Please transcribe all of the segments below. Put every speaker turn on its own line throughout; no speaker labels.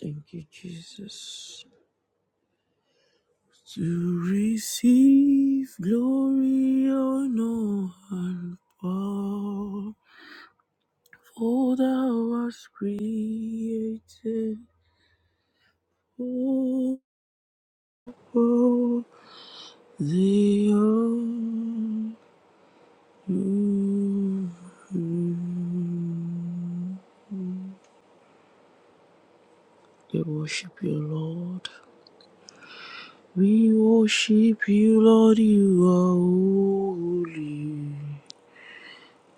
Thank you, Jesus. To receive glory, honor, and power, for thou was created for the earth. We worship you, Lord. We worship you, Lord. You are holy.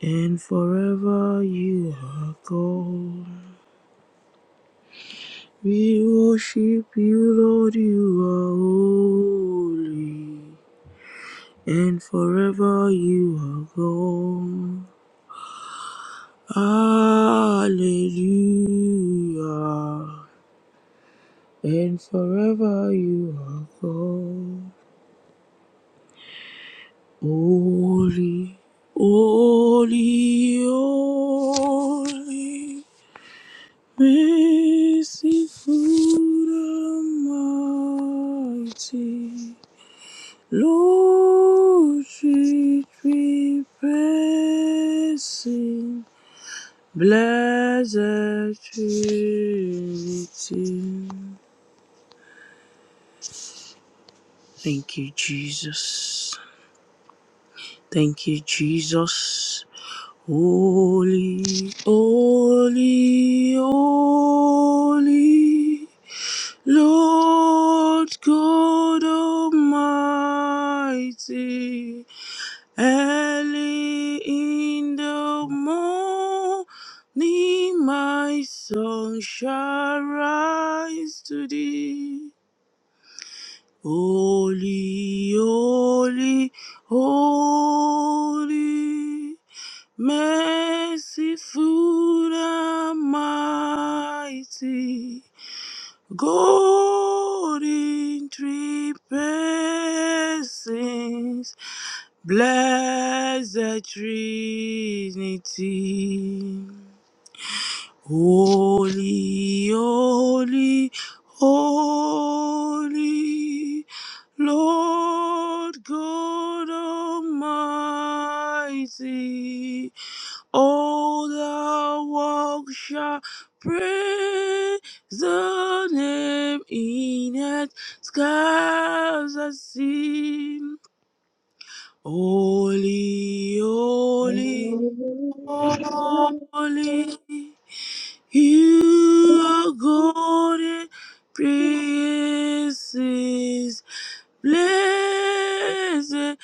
and forever you are God. We worship you, Lord, you are holy, and forever you are God. Hallelujah, and forever you are God. Holy, holy, holy. Merciful, food almighty, Lord, treat me blessing, blessed Trinity. Thank you, Jesus. Thank you, Jesus. Holy, holy, holy. Lord God Almighty, early in the morning my song shall rise to thee. Holy, holy, holy, merciful and mighty. Golden three persons, blessed Trinity. Holy, holy, holy, Lord God Almighty. All the world shall praise the name in it, skies are seen. Holy,
Thank
holy,
you.
holy, you are God in praises. Blessed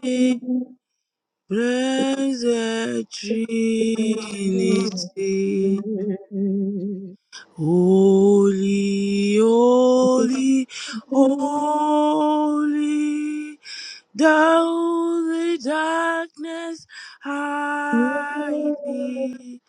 be Blessed Trinity, holy, holy, holy, thou the darkness hide thee,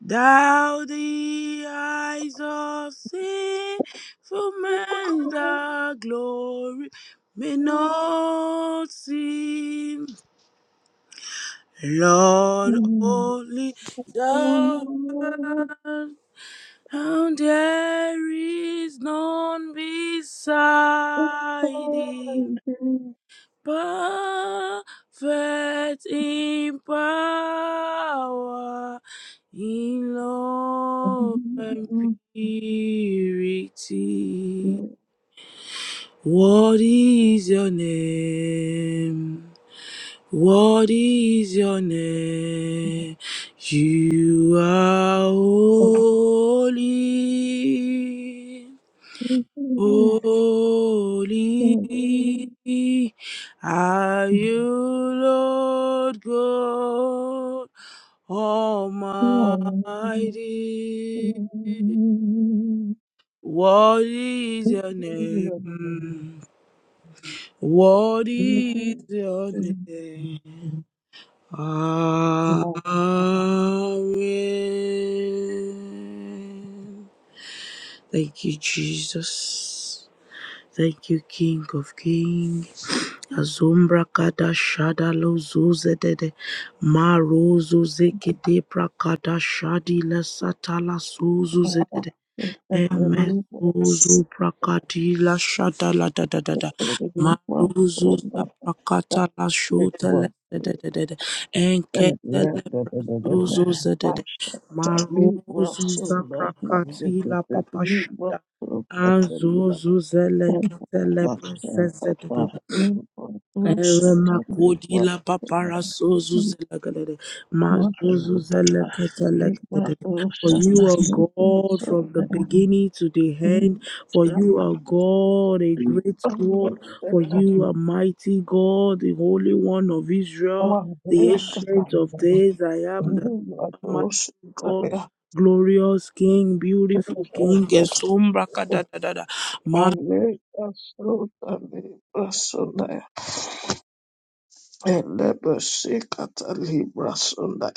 thou the eyes of sinful men, thy glory may not see. Lord, only thou art, and there is none beside thee. Perfect in power, in love and purity. What is your name? What is your name? You are holy, holy. Are you Lord God Almighty? What is
Thank
your name? What is your name?
you.
Amen. Thank you, Jesus. Thank you, King of Kings. Azumbra kada shada lo zuze de de. Ma rozo zeke de pra shadi la satala suzu Emezuzu prakati la shata la da da da da. Maruzu za prakata la shuta la da da da da da. Enketele prasuzu za da da. Maruzu za prakati la papa shata. Azuzu zele ketele prasese da. da da. Eremakodila papara sozu zelagadede,
Mother
mazuzu
of the
zelekete
Baby, but
lekedede.
oh,
For
shut
you
us
are
leaving
God from the
somewhere.
beginning to the
Oh,
end. For you
shut
are God, a
me.
great
Oh, what
God.
did
For
that
you are mighty God, the Holy One of Israel,
one
the
here? That I
Ancient of
know.
Days. I am
Oh,
the
what oh, shut
mighty God,
me.
glorious King, beautiful
Oh,
King.
that's
Esombra
the
kadadadada.
family. That's so the Libra Sunday. And never seek at a Libra Sunday.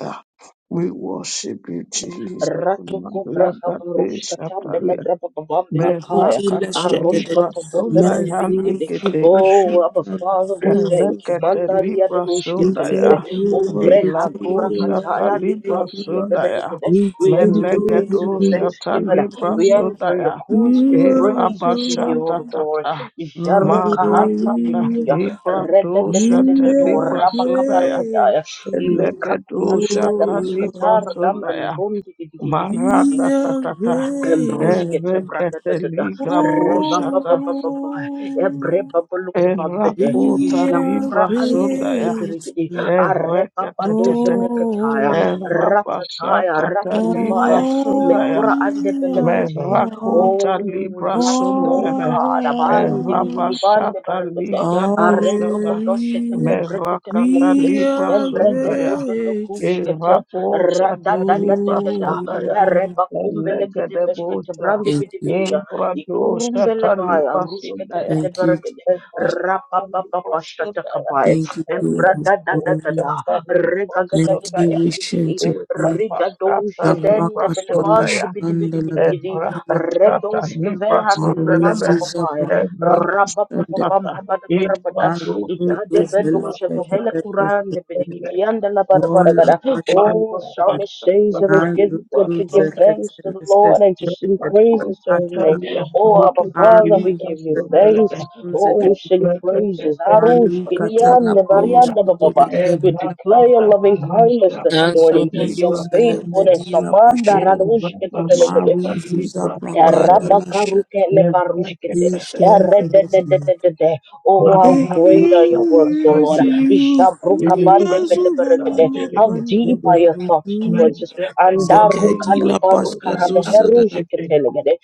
We worship you, Jesus.
Ratuku brahava
Malagadesh,
rushkata bele
Atalia.
brava bavam bele
Mema
kaya.
Catalibra
Aroshkata bombe bede bidi gidi.
Sonda
Oh, Abba Father, we thank you.
Lekete
Mandaria de
Libra
rushke
We
telegere.
thank
Sundaya,
you, Lord.
Ombre
We thank
hakura
Ilago
you, Lord.
Shata
We
kataya lika
Libra
thank you, Lord.
Sundaya,
We
We
thank
enter your
you,
gates
Melegedo
with
Lord.
Shata
thanksgiving.
Libra
We enter your
Sundaya,
courts with
You are
praise. We give you
God.
all
Erabashata
the glory.
Tata,
Jaruka handi bili
Maratata
Hallelujah.
bidia.
Libra
Rede
Do
de
We
de de de
Shata
do
are
Libra
rabaka
Sundaya,
parakadaya.
grateful,
Elegedo
Mekakukakia da
Shata
Lord.
Libra
Bashkatar Dam
Sundaya,
Benebondi
We
Maratata
are
Tata,
Embruskete
grateful,
branda da
Erekete
da da
Libra
reba ba ba
Boshata,
ba ba ba ebre
Lord.
ba ba luku ba mbede
Erakota
We are
jakura
Libra
andi
Sundaya,
kibili birigidi
grateful
areba ba doje
Erekatete,
de kataya
Lord,
ratataya
erabasakata
for
ratakabaya
libra
all
sundaya,
mekura ande
you have
belekataya
done
merakota
oh
libra
like you oh
sundelebe,
God abandi
for
lili
us.
bande
erabasata
baragade
liga
aredo do
dosata,
do shete
Hallelujah.
kebrekete
merakata
belekede
We
libra
are
embrede do
sundaya,
do do
grateful.
kujkete
O
rada
erabosata
da da da
libra sundaya,
Lord.
Reba kumbele kede beshkete
elegedebosa,
brandi
Thank
bidi
you.
bidi ya. Ikurumbele
imbradosata
baya.
libra
Rushkete
sundaya,
bede
Thank you.
berekede.
Jesus.
Rapa
erekata
pa pa
libra
pa shkata
sundaya,
kabaya.
Thank you, King
Embra
of
da da da da
Glory.
da.
erekata libra
Rega ga ga
Thank
di
sundaya,
you,
bidi bidi gidi.
Ancient of Days.
Riga do
Pasata
sheden de
Libra
bele
Zaprakatala
bandi
Sodaya,
bidi bidi bidi
and
gidi.
Shandala
Redo
Rapatata
shkeve
Libra
handi kamba
Maruzu
Sodelebe,
papaya.
and
Zapata
Rabba pa pa
and
pa
Rapatata,
pa da ba ra
it
ba da.
was
Azuzu
Lucia
Ikade bedo
Libra
sheve hele
Zelekete
the bidi
Sodele,
gidi. Yanda la ba da ba da ga
Mola
da.
Pasha
Oh,
Mango
Psalm it says
Pasata
that it's good,
Libra
good
Azuzu
to give
Soda,
thanks to the Lord and to sing
Libra
Zekete
praises to his name.
Prakata
Sodatalia,
Oh, Abba
Lucate
Father, we
Libra
Aruzu
give you thanks.
Sodelebe,
Oh, we
and
sing
Zekete
praises.
Rapatata
Arush,
Malu
Libra
Katala
Gilianda,
Push
Sopodia,
Marianda, ba, ba, ba.
and
Zurekete
We declare your
Rapatata
loving kindness
Masha
this
Canta
morning, your
Azuzu
Libra Sodelebe.
faithfulness.
Zelekete La
Amanda,
Pasha
Libra,
Radosh,
Sakata
Maruzu
Libra,
Zaprakata La Shata
Rabakaruke
Ishes
Errededededede. Oh, how
Yes,
great are your works, O Lord.
you
Jabrukabande
Mazurana
beleberegede. How deep
Makanda
are your thoughts
Barutu
towards us. Andaruka
Zakadi La
libaruka
Pasta
habeherushketelegede.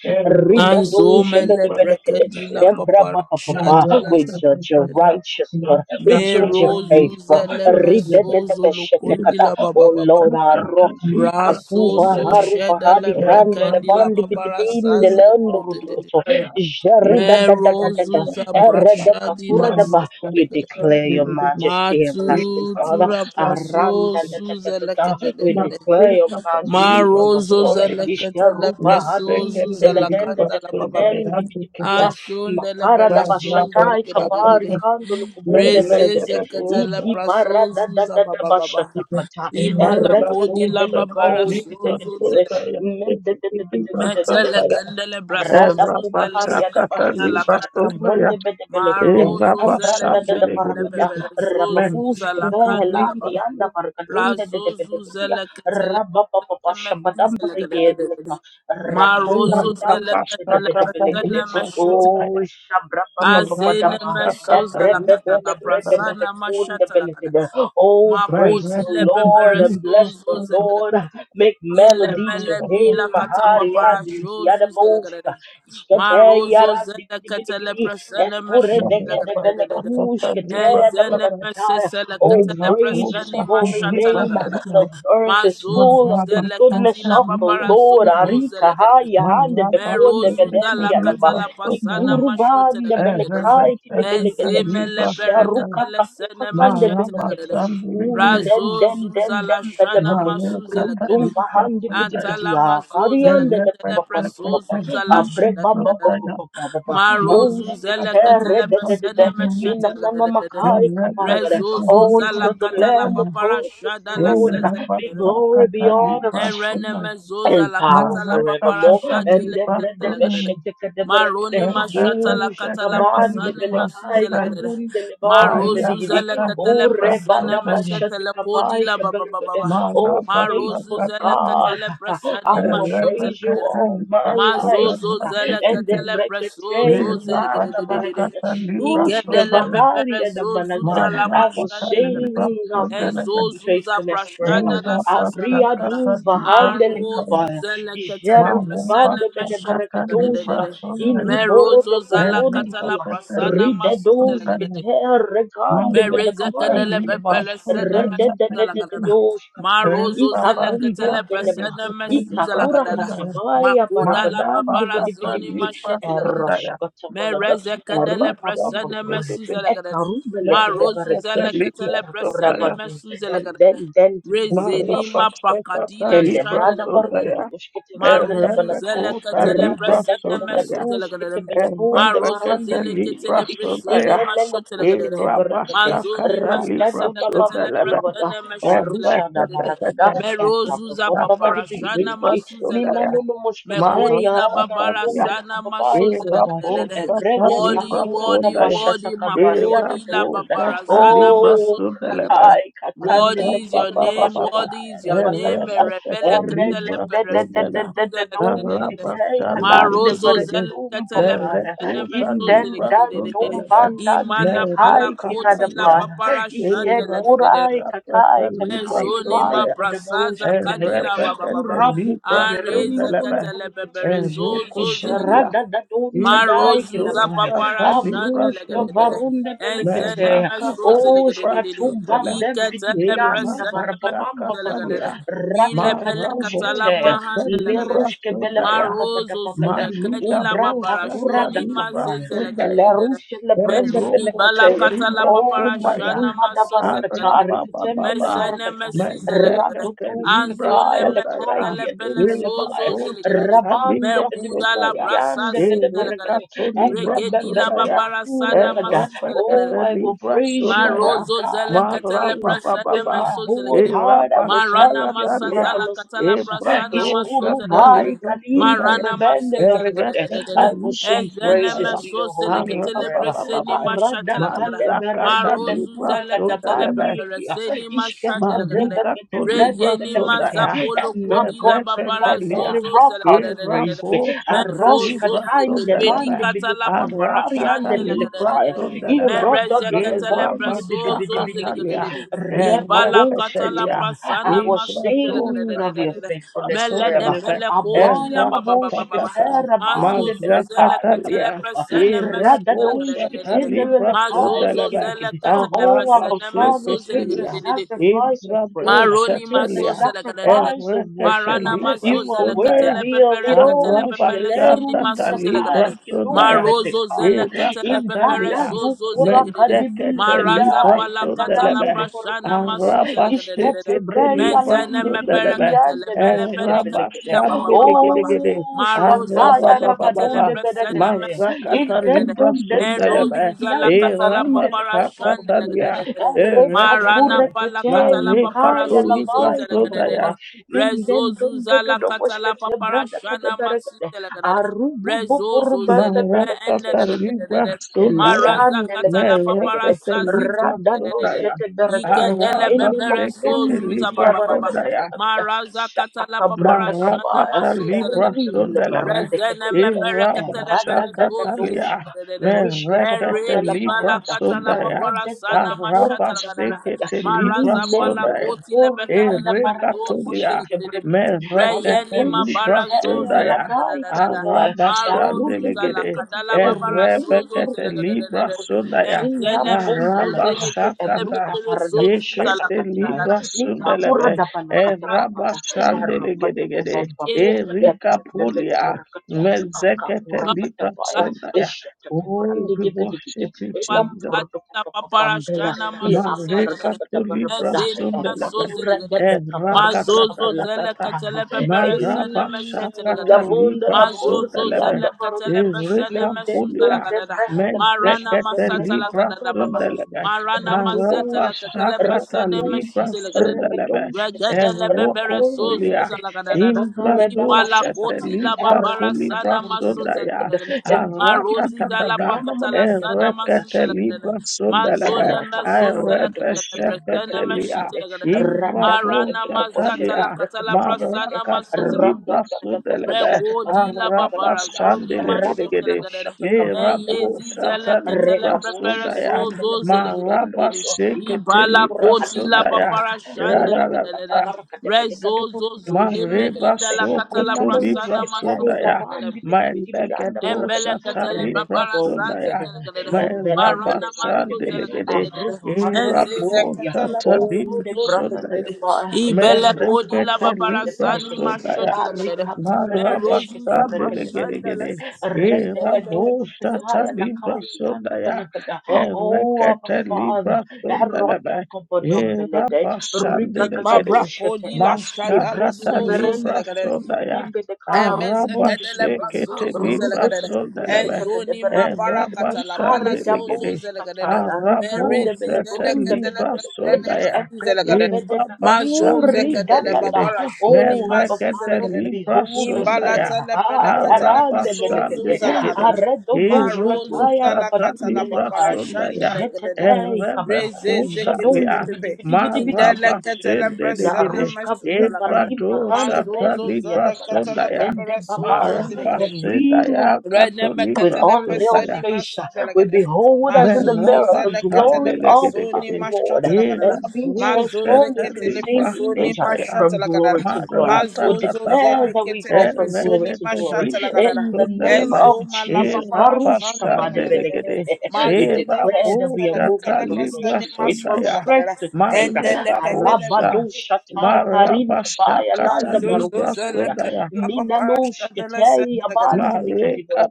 Anzo Mele
Ridadoshebedebelekede.
Prekadi La Papara
Embrabababa.
Shadi La
We judge you
Sosada
righteous, Lord. We judge you
Mero
faithful.
Zuzele Mesozo Lokundi
Ridededebeshetekada.
La Baba
Oh,
Baba
Lord, our rock
Raso
akuva
So
haruva
Sheda
hadi
La
Thank
kande
Brekandi La
levandi
Babara
bitibinde
Sazo
leondorudikoso jarida
you.
da da da
Mero
da da
Zuza
erede
Brashadi
kakura
La
da ba we declare your majesty everlasting
Matu
father
tura praso
aranda da da da da da
suzeleke de de
we
de de.
declare your majesty king of
Marozo
glory
zelekete le
ishkaruba
preso
hadi indeledende
zuzelakanda
da
la
da da
babam.
den dibidibidia
Anshon de le
makara da ba
bereso zeleke de de de
kabari
de.
kando lukubunde
Reze
beregede
zekete
idi
praso
bara da da da da ba
zuzabababa. Imala kodi la babara so
Erekekebelekoshketekedede.
zuzele.
Mendedededededede.
Metele kendele braso
Rada
Eva
zuzele
kumparia da ba
Basakata
ishkata
se.
Libasoya,
bronde bede belekede
Eva
Marozo zele
ambranda da da
shele
barakada
Basabilegede,
bebele zozu
Men,
rababush
zala kanda la
Eva
kvehelandi
baba.
anda barakadunde de de
Razozu
belekedia
zele ketele
rabababa
pesene mesu
shabadam
zele gede gede
bariyedeleka
gede. Marozo
ratundan
zele
dandum de de
ketele
bede
Basakata
pesene
belekede
meshu
o
Libasodaya, Eva
shabrabababa da
Azene
ba
mesoza
Basakata
la kata
ebrebebele
la
Libasodaya,
brebebele
prasana
kunde
mashata la kada.
belekede Oh, praise
Makoti
Eva
the
le
Lord
pepere
and bless
sozo
the
zelegade.
Lord. Make
Inle
melody to
mele
him.
bila kata
Mahari
papara
andili
shozu
kiada
zelegade.
boshka. Ishkate
Marozo
yara
zele
dibi dibi
kata
dibi
le
di.
prasana
Epure
mashata la
dege debele
kada.
Basakata
kushkate yada
Enzene
manakataya.
mesese la
Oh,
kata le
praise his
prasani
holy
mashata la
name.
kada.
The earth is
Mazozu
full of the
zele
goodness
katila
of the
babara
Lord.
Libasodaya,
zozo zele
Arika
kada.
Hayahan the
Mara
hande bekone
basu
Merozuza
gedendi
la
kekeli
yadaba.
katala
basu
pasana
nara.
mashote la
Ikurubande
Eve
gadere.
belekai
beste
tidegedegede.
Ezime
kekeli
le
basu
perekete
nara.
Isharuka
le sene
kakukakande
Mara
meshete la
belekete.
gadere.
basan biri giri.
Razo
Unden den den
zuza
den
la
den,
shana
belebede.
Mara
masuze la gadere.
Rudum
kateli basu
bahandi bidi
nara.
bidi
Antala
ya.
mazuze la
Kariande
Eve
le
katele
kupapa
beste
preso
mpapa.
zuza
kekeli
la
Abre
shana.
basu
da
baba
da da.
papa
nara.
papa.
Marozu
Mara
zele
kateli
Ushtere
ketele
de de de
basu
de.
pesene
ni
nara.
meshete
na
la
na na
gadere.
makai
Eve beste
kabaragada.
Rezo
Oh,
kekeli
zuza la
until the
basu
katala
Lamb
nara.
papara
upon the
shada la
Eve
throne.
seze.
Be
basta
glory
kateli
beyond
basu nara.
Erenemezoza
and
la
power
kata la
Mara
papara
forevermore.
shadi
kateli
And
le
the bread
tete
the
basu
le gadada.
nara.
beshekete the berekete.
Maroni
Eve
mashata la
beste
Ush
kata la
kavan the
kekeli
pasani
basu
masuze
belekai
le
nara.
gadada.
karun the levam the
Marozu
bedigidi.
zele
Mayakata
ketele
O reba
presene
da
Nipasodana
meshete
bashete
le kodi
kabai
la baba
kaberekete.
baba.
Oh
Marozu
faithful
zele
Marabasakatani
God,
ketele presene
I will
mashote le
praise you
gadada.
all
Rebekatani
my life.
Mazozo
Pasodana
zele
And
Bekiti
the
ketele
brekete
presozo zele
ilan the
gedededede.
berekete.
Irabashakata
Ush
Igedele
Nipasodana
kavahari
bebere
and the
zozu
banagada.
zala
I will
Mayakata
mashandele gedede.
sing of your
Nipasodana
Enzozu za
faithfulness forever.
prashada la sasa la
Abria
gedede.
Irabashakata
du vahande le
Arozu
Nipasodana
kabaya.
zele ketele
Jeru
presene
kubande bede
Marabashakata
meshetele
barakedoshka.
gedededede.
Ili
Nipasodana
boro
Merozo
do
zala katala
kobundikia.
Rebekata
prasana
Ride
masu zele
doshke
Nipasodana
te
gedede.
regande bele
Mereza
Mayakata
kadele
kaiki deba.
bebele sene
Rede
Nipasodana
de
mesuza
de
la
de de
Bekiti
kadada.
doshka
Ma
ta.
Ey,
rozo
Ika
zele
Papa,
kumbem
ketele
stop the
bele ba.
presene
wicked
Ika
mesuza la
kura
kadada.
Libasodaya.
Ma
katabaya
koda la
Mana
barabadandi
babara
bidi bidi
Bakata
zoni ma
bidi.
shete la kadada.
Erosh
Libasodaya.
katabalada.
Mereze kadele
Papa,
Erupa
stop the
presene
bababaya.
mesuza
wicked
la
Eka
kadada.
rumbele
Ma
kede
rozo
barakede.
zele
Libasodaya.
ketele
Kita
presene
Libasodaya.
kurabadu
mesuza la
and
kadada.
then then
Rezeni
Mara
ma
Bashakata
pakadila
and the
shade la
brother
kadada.
barukudu
E
ushkete brakada
Maruzu
balakada
Erebekota
zelekatele
rada da da
presene
da da
mesu
Libasodaya.
zelegadere.
ushkete belebun de
Marozo
barandi
Erebekata
bidi bidi
zelekatele
gidi
presoni
Libasodaya.
ille
masho
lele
telegadere.
kushkete brakade
Mazoni
Irabashakata
mesa
rada do da bamba
selekatele
Libasodaya.
balabada
presene mesu
a rusha da
telegadere.
barakada
Erebekata
e
Merozu
brata
za
bomba badi bidi
paparashana
bidi gidi
masu
nina
Libasodaya.
zelegadere.
nunu mushkete
Mekodi
ya
la
randa
babara
radum de
Maranatha,
la
sana maso
kababai
Era
kababai
zelegadere.
e
Bosha
brede
Wadi
Libra
kakura da
wadi
Sundaya,
bashata
wadi
kabaria
Era
da
makodi
da
la
da da da
Bosha
babara sana
Libra
maso
oh
zelegadere.
Sundalebe,
hi
and
What
kakande le
is
Papa
your
kura da
Papa,
name?
Papa,
What is your name?
bashkata
Era Bosha
Rebele katele
Libra Sundala,
peresuzu zele
and
kadededede.
Rabba
Erededededededededoushkitei
Shandili
Marozo
Gidi,
zele
kalandeveregedum,
katele
Papa.
Lere
pesene
Kota
meso zele
Libra
Indendantum
kadededede.
Sundalebe,
Imana
Mera
pala
bandandilikai
koti la
kiradaba.
Catalia,
papara
Ike
Era
shandele
kurai
Bosha
kakai
Libra
kakai
Mezoni ma
Sunda,
livai
prasaza
kadaborushkitelegere.
kadila baba
Rebekete
baba.
Urabuku
libra
Areze
sundelebe.
ketele bebere
verundubulukurukutuj.
zozo
Erukutulia
zilegedele.
libra
Jaradadadundadai
Marozu za
kilaba.
papara
doshata
shanda
libra
Abrushka
legedele.
sundaya.
varunda
Enzene
belekete.
meso
Merakata libra
Oshka
zilegedele.
tumbam
sundele.
dem
Iketele presene meso
bidibianda
zilegedele.
Erabashakatalia.
Rata
Vile pele katala
kakushkete.
Maraboshete
mahanda legedele.
libra
Lerushke
sundaya.
belebamba
Marozo zule
badabakata.
Malida
kadila
Umbra
boshata
kakura
babarashoni
libra
dakabaya.
mazezele
sundaya.
kadededede.
Elerushe lebrenda
Meludi bala
Erukutu
belekete.
kata katala
libra
Oh,
sundaya.
paparashana
madruma da
maso
Ara
barakata.
zelegadede.
baba
Rikitembele
Arabababa,
Mesene
barakata.
mesi zelegadede.
Mendekeke Libra
Anzole
Radotushkataya
Sodaya,
meketele
lekaiki
bele
Libra
sozo
adumbelebaya.
Bosha
zelegadede.
Rabande
Libra
Mekuda la
Sodaya,
brasa
bedibidibidiande
si zelegadede.
bedebarakate.
Erekato Libra
Regedi la
Ebrebebele
Sodaya,
babarasana
kurakada.
masi
Oh,
zelegadede.
Erepekete
I will
Libra
praise you, my
Sodaya,
Marozo
God,
zele
my
ketele
King.
presene
With
Marabababa,
my
meso zele
whole
gede.
heart, I
Eraba
will
Marana
tell of your
masa zala
Shakatalia,
marvelous
katala
works.
prasana
Ebrado
maso zele
Shata
gede.
Ishkurubai
Libra
kalim
Sodaya,
Marana
bebende
maso zele
beregete.
gede.
Erekete
I will
Libra
sing
Ezene
praises
Sodaya,
to
meso
your
zele
holy name
Ara
ketele
forever.
baba.
preseni
baba.
Arada
mashatele gede.
kale
Mazakata
berede
Marozu
Libra
bekura
zele ketele
Sodalebe
kadabandi likia.
pepereseni
Ishkete
mashandele gede.
brebe
Marika
bede brede
Tolibra
Reyeni
belekete.
Sondaya,
mazapolo
I'm not
kodila
going to
babara
let
Mereketelia,
any
zozo
rock outpraise
zelagadadadadada.
me.
Erapo Chata
Arosh
Mezozo
Libra
katain de
zilepeli
bandi
Sondalebe,
katala
bilukum
babara
harian de
Aratata
shande
Libra
belekaya.
lagadadadada.
Sondalebe,
Irodo
Mereze
do do
katala
bondi bidi
Erabacha
prasozo
bidi bidi
Katalia,
zelagadadada. Ibala katala
Rebabushkata.
Ereketelia,
I
prasana
will
masu
Ibrato
sing of
Chata
your
zelagadadadadada.
Libra
faithfulness
Melede
forever.
Sondalebe,
bele kodila bababababa. ma
Eratatata,
Abrayababushkata,
Mazozo zele
rabandebelekai,
katala
Majakatalia,
kabababa.
prasana masu
Erabo Chata
zelagadadadada.
Libra
Radadoshkatendebelekai,
Mazozo
Sondalebe,
zele
rikidikidi.
katala
Oh, Abba
prasana
Arabashe
masu
Father, take the
zelagadadadada.
sacrifice of praise.
Ibrado
Maroni
Take the
Setelia,
masozele kadadede.
sacrifice of worship.
Erekete
Marana
Libra
You are
mazozele katele
Sodaya,
worthy of
pepere
it
katele
all.
pepele sini
Arabashatata
masuzele
Libra
kadadede.
Shalerumbelekai,
Sodaya,
Marozo
kidumbelekai
zele katele
in da
pepere
da
Irakatalia,
do
sozo zele
kora
kadadede.
kadibili
Mendekete
Maraza
Libra
kadai
pala katala
kadadando do
Sodelebe,
prashana
borukutoya
masuzele kadadede.
ishkete
Arabashekete
brei
Libra
Mezene
alundi
mepere
Sodelebe,
katele
bidibidiande
pele
brekete
pene
belekede
katila baba baba baba.
Arabashambidigidi,
oh
Marozo
shataya
zele katele
rabadonde
Arabababa,
presene
belekede
mesuzele
in
Mazakata
den
kadadede.
Libra
don den den
Sodelebe,
Erojuza la
dikianda
katala
barunde le
papara
papa
shande la
Irabashatalia,
gadadadada.
papa reka
Erekete
Marana pala
kurekete
katala
Mareka
papara
to
kaya
sozo
Libra
labai
zela gadadada.
papa
Sodaya,
in den
Rezozu
don do do
zala
do boshkete
papara
brada kade
shana maxi
berekede
zela
arubu bo
Rezozo
boruba
zele me
belekete
ende
Marakata Libra Sodaya,
Maraza
Liande
katala papara
leketekete,
Merekete
sazi
Libra
zela
rada
Sodaya,
dojete berekete,
Yikedele
Araba
ene
bebere
Sekete
makundi
sozuza
bidia
Libra
baba baba.
barakata
Sodaya,
balakata,
Maraza katala
shataka
papara
brada
shana
kabaya,
Marakata
masoza
Libra
legadele.
erinde le
Sodelebe,
barinde
Rezene
kebeleke,
mebere
Iraba
katele
erada
bele
dada
sozuza
Shakatalia,
doshka,
legadele.
rishkete
Merekete
Eredi
bambala
bala
Libra
barakata,
katala
Sodaya,
papara
erada
sana
dada
mashata
Araba
kurakata
legadele.
balakata,
Sekete Libra
Maraza
limeme
bala
Sodaya,
no
koti lebeke de
korianda
lepe
barakata,
zozu
Erekatolia,
oshkete
zelegededim.
brekete, ele
Reyeni
Merekete
ma bara
Libra
doshkete,
zozu la
Sundaya,
da
radai
da da da.
kababaya,
Maro zuza la
Arabashandelegede,
kadala babara zozu
Erebekete Libra
zelegededede.
Sundaya,
Engene me zozu
Ninambombelepha,
lekezi
Arabashakata,
Ebruka
lebepere
farada
zozu za
bashata
la
Yekete
da
kataya,
da da.
Libra
Ma
Nikakura
Sundelebe,
kota
dabana
babara
katabahada, Erakata
Erabashandelegede,
kubambapo,
yene me
Erika Pulia,
Ebelebelebelekate,
Mezekete
Akakura
Libra
katabaya,
Sundaya.
Ishata
Oh,
kibrandi
we
dibidikiti,
worship you, Jesus.
Ilamburdu
Walakata
kutokabambela,
paparashana maso
Ilambarada
selegadere.
Marekatoli
badabarabada,
Ezene maso
brasundelebe
Ekakura
selegadere.
debe kabaruda
Mazozo zele
erakatatata
kabalakataya,
katele pepere sene
Ei,
meshete
marabashakata
legadere.
yavunda lavur
Mazozo
librasundelebe
zele
kianda
katele
barada.
pesene mesu
Menden don
erekapolia
zelegadere.
debra hela
Marana
kushka
mezekete
tebra
masata legadere
kapura da
baba.
balada.
librasundelebe
Marana mazete
Rabadoshka,
legatele
arabashakata
pesene mesu
rabadoshka,
zelegadere.
librasundelebe
rabadoshka ta,
Regedele bebere sozu
erokotolia
rabadombelekede.
zalagadadada.
Ekakara da
Ipala
imbradoshete
pashataka,
koti la babara
likapoli
erataka da
sana
buruka
maso
da
brasundaya
bulukada.
zalagadadada.
Emditi tibi
Marozi
tibi
zala
tibi
aratatatata
yana
pakata la
manaka da
sana
barakada.
maso
erekete
zalagadadada.
librasundelebe
Mazone meso
Rataka burukutu
zalagadadada.
bushkete
Bresene
brekete
Arebeshekatelia,
meshite
belekete.
lagadadada.
Randa da da
Marana
da da
mazata
bushkete
la
Imbradosatalia,
katala
brekete belekete.
prasana maso zalagadadada.
Randa
Marakatolibra
da da da
Sudelebe,
bushkete
Regodi la
kabrekete
babara
belekete.
zoni
Raba da
mashute la
Arabashandelegedegede,
gadere.
bushkete kabrekete
Eyezi
belekete.
zele ketele
Erabosatalibra
Reba
prepare so
bushkete
Sudaya,
zo
bele
zele
burunde
gadere.
belekutu. Aka
Ibala
Marabasheketelibra
koti
burakata
la
Sudaya,
balakata.
papara shande la
Rete kata
gadere.
barakata
Rezo
belekete
zo
burukutu
zo leme
bushkete
Mareba
inda
belekete.
la katala
sokoto
Nina no
prasana
libra
bushkete ya
mashute la
sodaya.
gadere.
labandi bidi
My
bidi biyanda
legedo
barakata.
Embele
shata
katele
Reba
libra
babara sazi
sodaya.
bushkete.
telekadede.
My
Ende
rabba
Marana
bele
mazu
barakete.
sandelegede.
telekadede.
Avrupa handi lipiti
Enzize
Irabo
pitia.
katele
shata libra
Onde
babuzu
branda da
sodaya.
da
telekadede.
ba.
My
Ibele
Embra
kodi
bam
la
zekete
bam de
babara
de
libra
sani
belekete.
masho
sodaya.
telekadede.
Karika pure de
Berozu
beshkete
za
breke
Marabasandele
de
gede
prashanda la
gede,
belekete.
e
Rete
telekadele
de
bebe.
rabo shata
doshketaya
libra
lakai ganda
sondaya.
belekada.
e
Oh, Abba
rekete
Father.
libra sondalebe.
Erota
Eh,
kobodom belede. Riga gaga
Ima
rabashandelegede.
brako
doshkete.
di la shada la
Mashakata
Librende
sozo
berendi
libra
telekadede.
sondaya.
titipitipidimbe de kar. Tudun
Emezekele
tutututu.
Arabashekete
brasozo
libra
zelegadere.
Rudutututu
sondelebe.
shete
Enzoni ma
Eh,
bede
parakata la pala
Likarida
sozo
rabashandelegede.
zelegadere.
boshkataya,
Arabo
rikande
Merezi
bele
shete
brunde
zeleketele
bele
libra
bele bele,
preshene
sondaya.
mesu
ebrede
Eh,
zelegadere.
bede
Mazo
bekuri da
zekedele
gede.
da
gede.
babara
da.
shoni
Oh, Abba
masu
Mezekete
Father, we
zelegadere.
libra
behold this
sundaya.
day.
Imbalatele
Ay,
peleketele
arande bele
pesozo
gede,
zelegadere.
Arabashandigidi.
aredo
Marozu
doshkataya,
Irubusata
zalakata la
rabadunde
libra
papara
lekaya,
shandele
sundaya.
gedede.
jetetei kama,
Rezeze
jedon
ketele
Erebekutalia.
dibi
pepe.
dibi dibi dibi dibi
Indele
dibi dibi dibi.
ketele
Na
preshene
Marabashindigidi.
rushka
mesu
vrumpa
zelegadere.
limpa hande
Ibradosata
Mazozo
beti kia da
zele
libra
bada,
katele
sundaya.
pepere
ende
sozo
babaya,
zele gede.
but we will
Marabashindaya
Rene
kato
me
with
libra
katele
unveiled
peseni
sundaya.
face,
masu zele
we
gede.
behold as in the
Mazozo
mirror the
zele katele
glory of our
pesoni
Merabashandigidi.
Lord,
mashatele gede.
and being
Mazozo
transformed
Irabusata
into the
ketele
same
libra
pesoni
image uh,
sundaya.
from
mashatele gede.
glory to glory.
Marata
We
Mazozo
declare
zele
Katata,
that we
ketele
go from glory
pesoni
Elected
to glory
mashatele
Lipos
gede.
in the name
Ezo
Sundelebe,
of
mala
Jesus.
Eva
papara
Arushka
shandele gede.
Pasandelegede,
We
Mazene
Eva
declare
mesu
that we are
zele
Bosha
moving
katele
from grace
Talibra
peseni
to grace,
masu
from
zele
Sundaya,
strength
gede.
to strength.
Endele
Malega
katele.
Bosha,
Arabadoshata
Marabasha
Karindabaya Landa
Catalibra
Azuzuza la
Sundaya,
la papa shada la sanda la gadada.
Mareka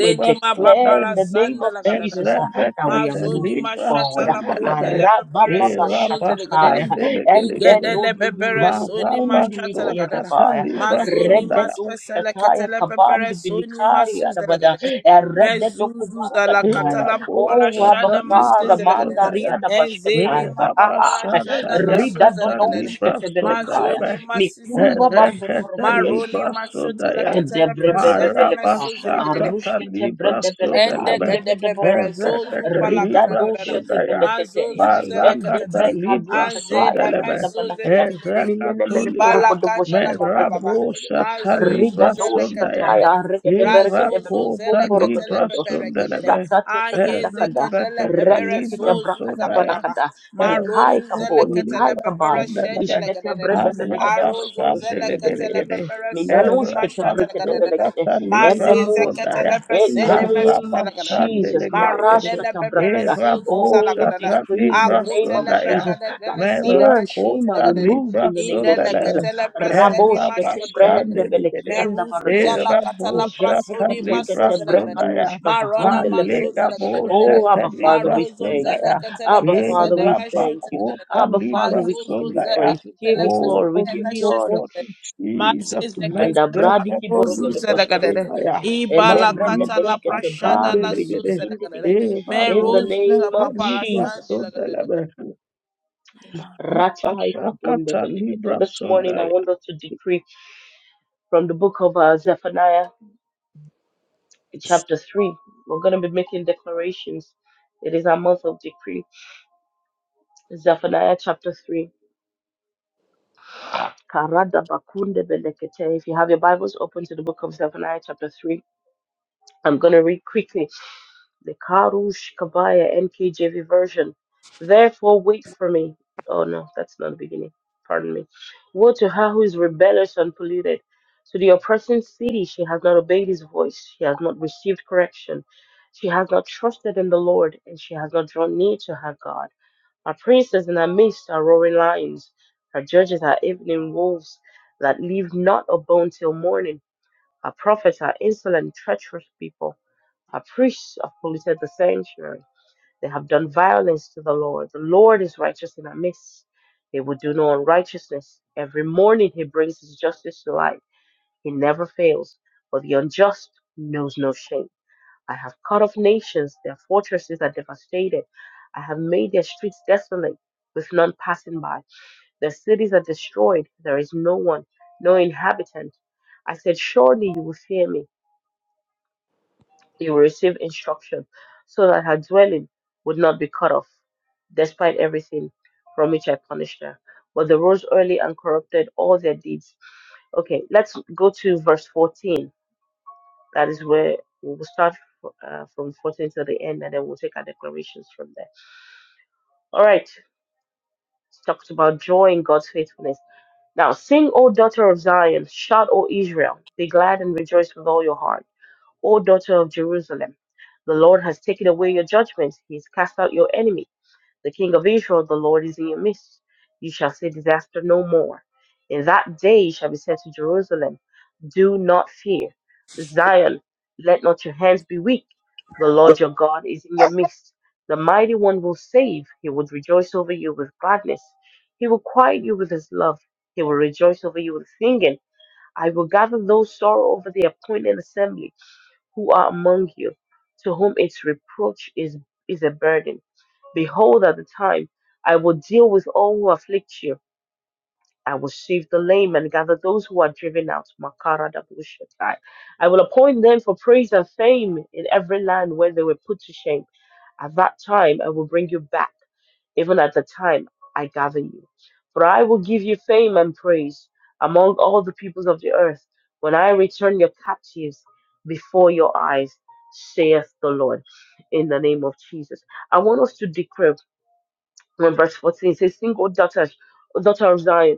we
ma
declare
Sundaya,
in
babala
the name
sanda
of
la
Jesus uh,
gadadada.
that we are
Ebrebekete
Mazoni
moving
ma
Libra
shata
forward.
la kote
Sundelebe,
le pepere
Eva
sozo delegadede.
Arabababashatakaya.
Igede
Pasandelegede,
le pepere soni ma shata la
Marabaso
gadada.
Endedoduburukutundilikiyadabaya.
Mazoni
Catalibra
ma spesa le kete
Rededoshataya
pepere soni ma
kabandibilikaya
suze la gadada. Mezuzuza la
Erededokubarakadaya.
katala
Oh, Abba
paparashana
Raboshata
Father,
Libra
masezelegele.
Mandaria
Sodaya.
Enzeni
Dabashkataya.
ma paparashada la
Rabashadaya
Rida
Kata
suzelegele.
Libra
Dodoshkatabelekaya.
Sodalebe.
Mazoni masi
Mikurba
masizelegele.
Bambo
Erekete
Maroni
libra
mashota la
sodaya.
katala pasene
Edebrebebebeleka,
mesuzelegele.
Marabasakata
arushkete
libra
bredebeleka,
Ende
sodelebe.
kede bebere
endebedeborokuto,
zozu
Erekete
pala
rida
kada
libra
da da da.
doshete
sodaya.
Ma
beleketeya,
zozu zele kete te.
Marakata
endebreka
libra
Anze
doshataya
ne me
sodelebe.
randa
zozu le
balakada,
kede
minene
Erekatulia.
Ibala
menekorokodo
kanda la
boshkete
ba ba ba ba.
brekedebelegele,
Ma
Merabosata
zozu
rida
libra
zele kede de
sodaya.
de
doshkataya
de. Ra zozu
rekedeberekedebele,
zele
Irakota
kete le
libra
kubomborokodokodo,
bebere kede ayeze
sodelebe.
Aye ze
jatatatakadakada,
kede le
Erekete
bebere
libra
zozu za ba ba
sodaya.
ba.
retekedebrakadebalakada,
Ma
Libra
nikai
rozu zele
kabo,
kete le
nikai
bebere
kabai,
Sundaya,
shende le
ishkete
kede de A rozu
bredebelekedeborokodo,
zele
shkete
kete le
belegede,
bebere soni ma shate le kede de. Mazeze ketele
in the
fesene
name
mesuze la
of
kadada.
Jesus.
Barode le
Marashkata
bebere
brekada.
sozuza la
Oh, we
kadada.
decree in the name
Akute
of
le
Jesus
pekade
that
dele sene
fear and
meshute
shame
la
are
kadada.
removed in the name
Inde
of
le
Jesus.
ketele presene
Raboshkete
mashute la kadada.
brehendebelekianda
Meruzuza la
baradosha.
katala prasodi masuze
Jeteketekete
la kadada.
brekalushka
Marona mazuze
Malika
vahandeleberegede.
la
Bosha
kadada.
Oh, Abba Father,
Libra
we
Marozo
thank
zele
you.
Sundaya,
ketele
Abba
Eh,
Father,
presene
we thank
meshute
you.
la kadada.
Rabakota
Abba Father,
Libra
we
Azuzu
give you
zele
Sondaya.
praise. We give
ketele
you
Oh,
glory. We
presene
give
you
you
know
meshute
honor.
la
what,
kadada.
Jesus,
Mazeze
Panda
ketele
bradi ki
Mezekete
pasozu
borogo de
Libra
boshkete
zelegadere.
kede.
Sondaya.
Ele
Ibala
brede
katala
Malika
beshkete
prashada
Basande
brandi
la su
Legede.
bilikidindi
zelegadere.
ligidi.
Eva
In the
Merozu za
name
Bosete
of
Libra
Jesus.
paparashandi legadere.
Sondelebe.
Ratai kabonde
Apashakata
belekete.
Libra
This morning I
Sondaya.
wanted to decree from the book of uh, Zephaniah, chapter 3. We're going to be making declarations. It is a month of decree. Zephaniah chapter 3. Karada bakunde belekete. If you have your Bibles open to the book of Zephaniah chapter 3, I'm going to read quickly the Karush Kabaya NKJV version. Therefore, wait for me. Oh no, that's not the beginning. Pardon me. Woe to her who is rebellious and polluted. To the oppressing city, she has not obeyed his voice. She has not received correction. She has not trusted in the Lord, and she has not drawn near to her God. Her princes in her midst are roaring lions. Her judges are evening wolves that leave not a bone till morning. Her prophets are insolent, treacherous people. Our priests have polluted the sanctuary. They have done violence to the Lord. The Lord is righteous in our midst. He will do no unrighteousness. Every morning he brings his justice to light. He never fails, but the unjust knows no shame. I have cut off nations. Their fortresses are devastated. I have made their streets desolate with none passing by. Their cities are destroyed. There is no one, no inhabitant. I said, Surely you will fear me He will receive instruction so that her dwelling would not be cut off, despite everything from which I punished her. But they rose early and corrupted all their deeds. Okay, let's go to verse 14. That is where we will start uh, from 14 to the end, and then we'll take our declarations from there. All right, it's talked about joy in God's faithfulness. Now, sing, O daughter of Zion, shout, O Israel, be glad and rejoice with all your heart O daughter of Jerusalem. The Lord has taken away your judgment. He has cast out your enemy. The King of Israel, the Lord, is in your midst. You shall see disaster no more. In that day you shall be said to Jerusalem, Do not fear. Zion, let not your hands be weak. The Lord your God is in your midst. The mighty one will save. He will rejoice over you with gladness. He will quiet you with his love. He will rejoice over you with singing. I will gather those sorrow over the appointed assembly who are among you, to whom its reproach is, is a burden. Behold, at the time I will deal with all who afflict you. I will save the lame and gather those who are driven out. Makara Dabushatai. I will appoint them for praise and fame in every land where they were put to shame. At that time I will bring you back even at the time I gather you. For I will give you fame and praise among all the peoples of the earth when I return your captives before your eyes, saith the Lord. In the name of Jesus. I want us to declare when verse 14 says, Single daughters, daughter of Zion.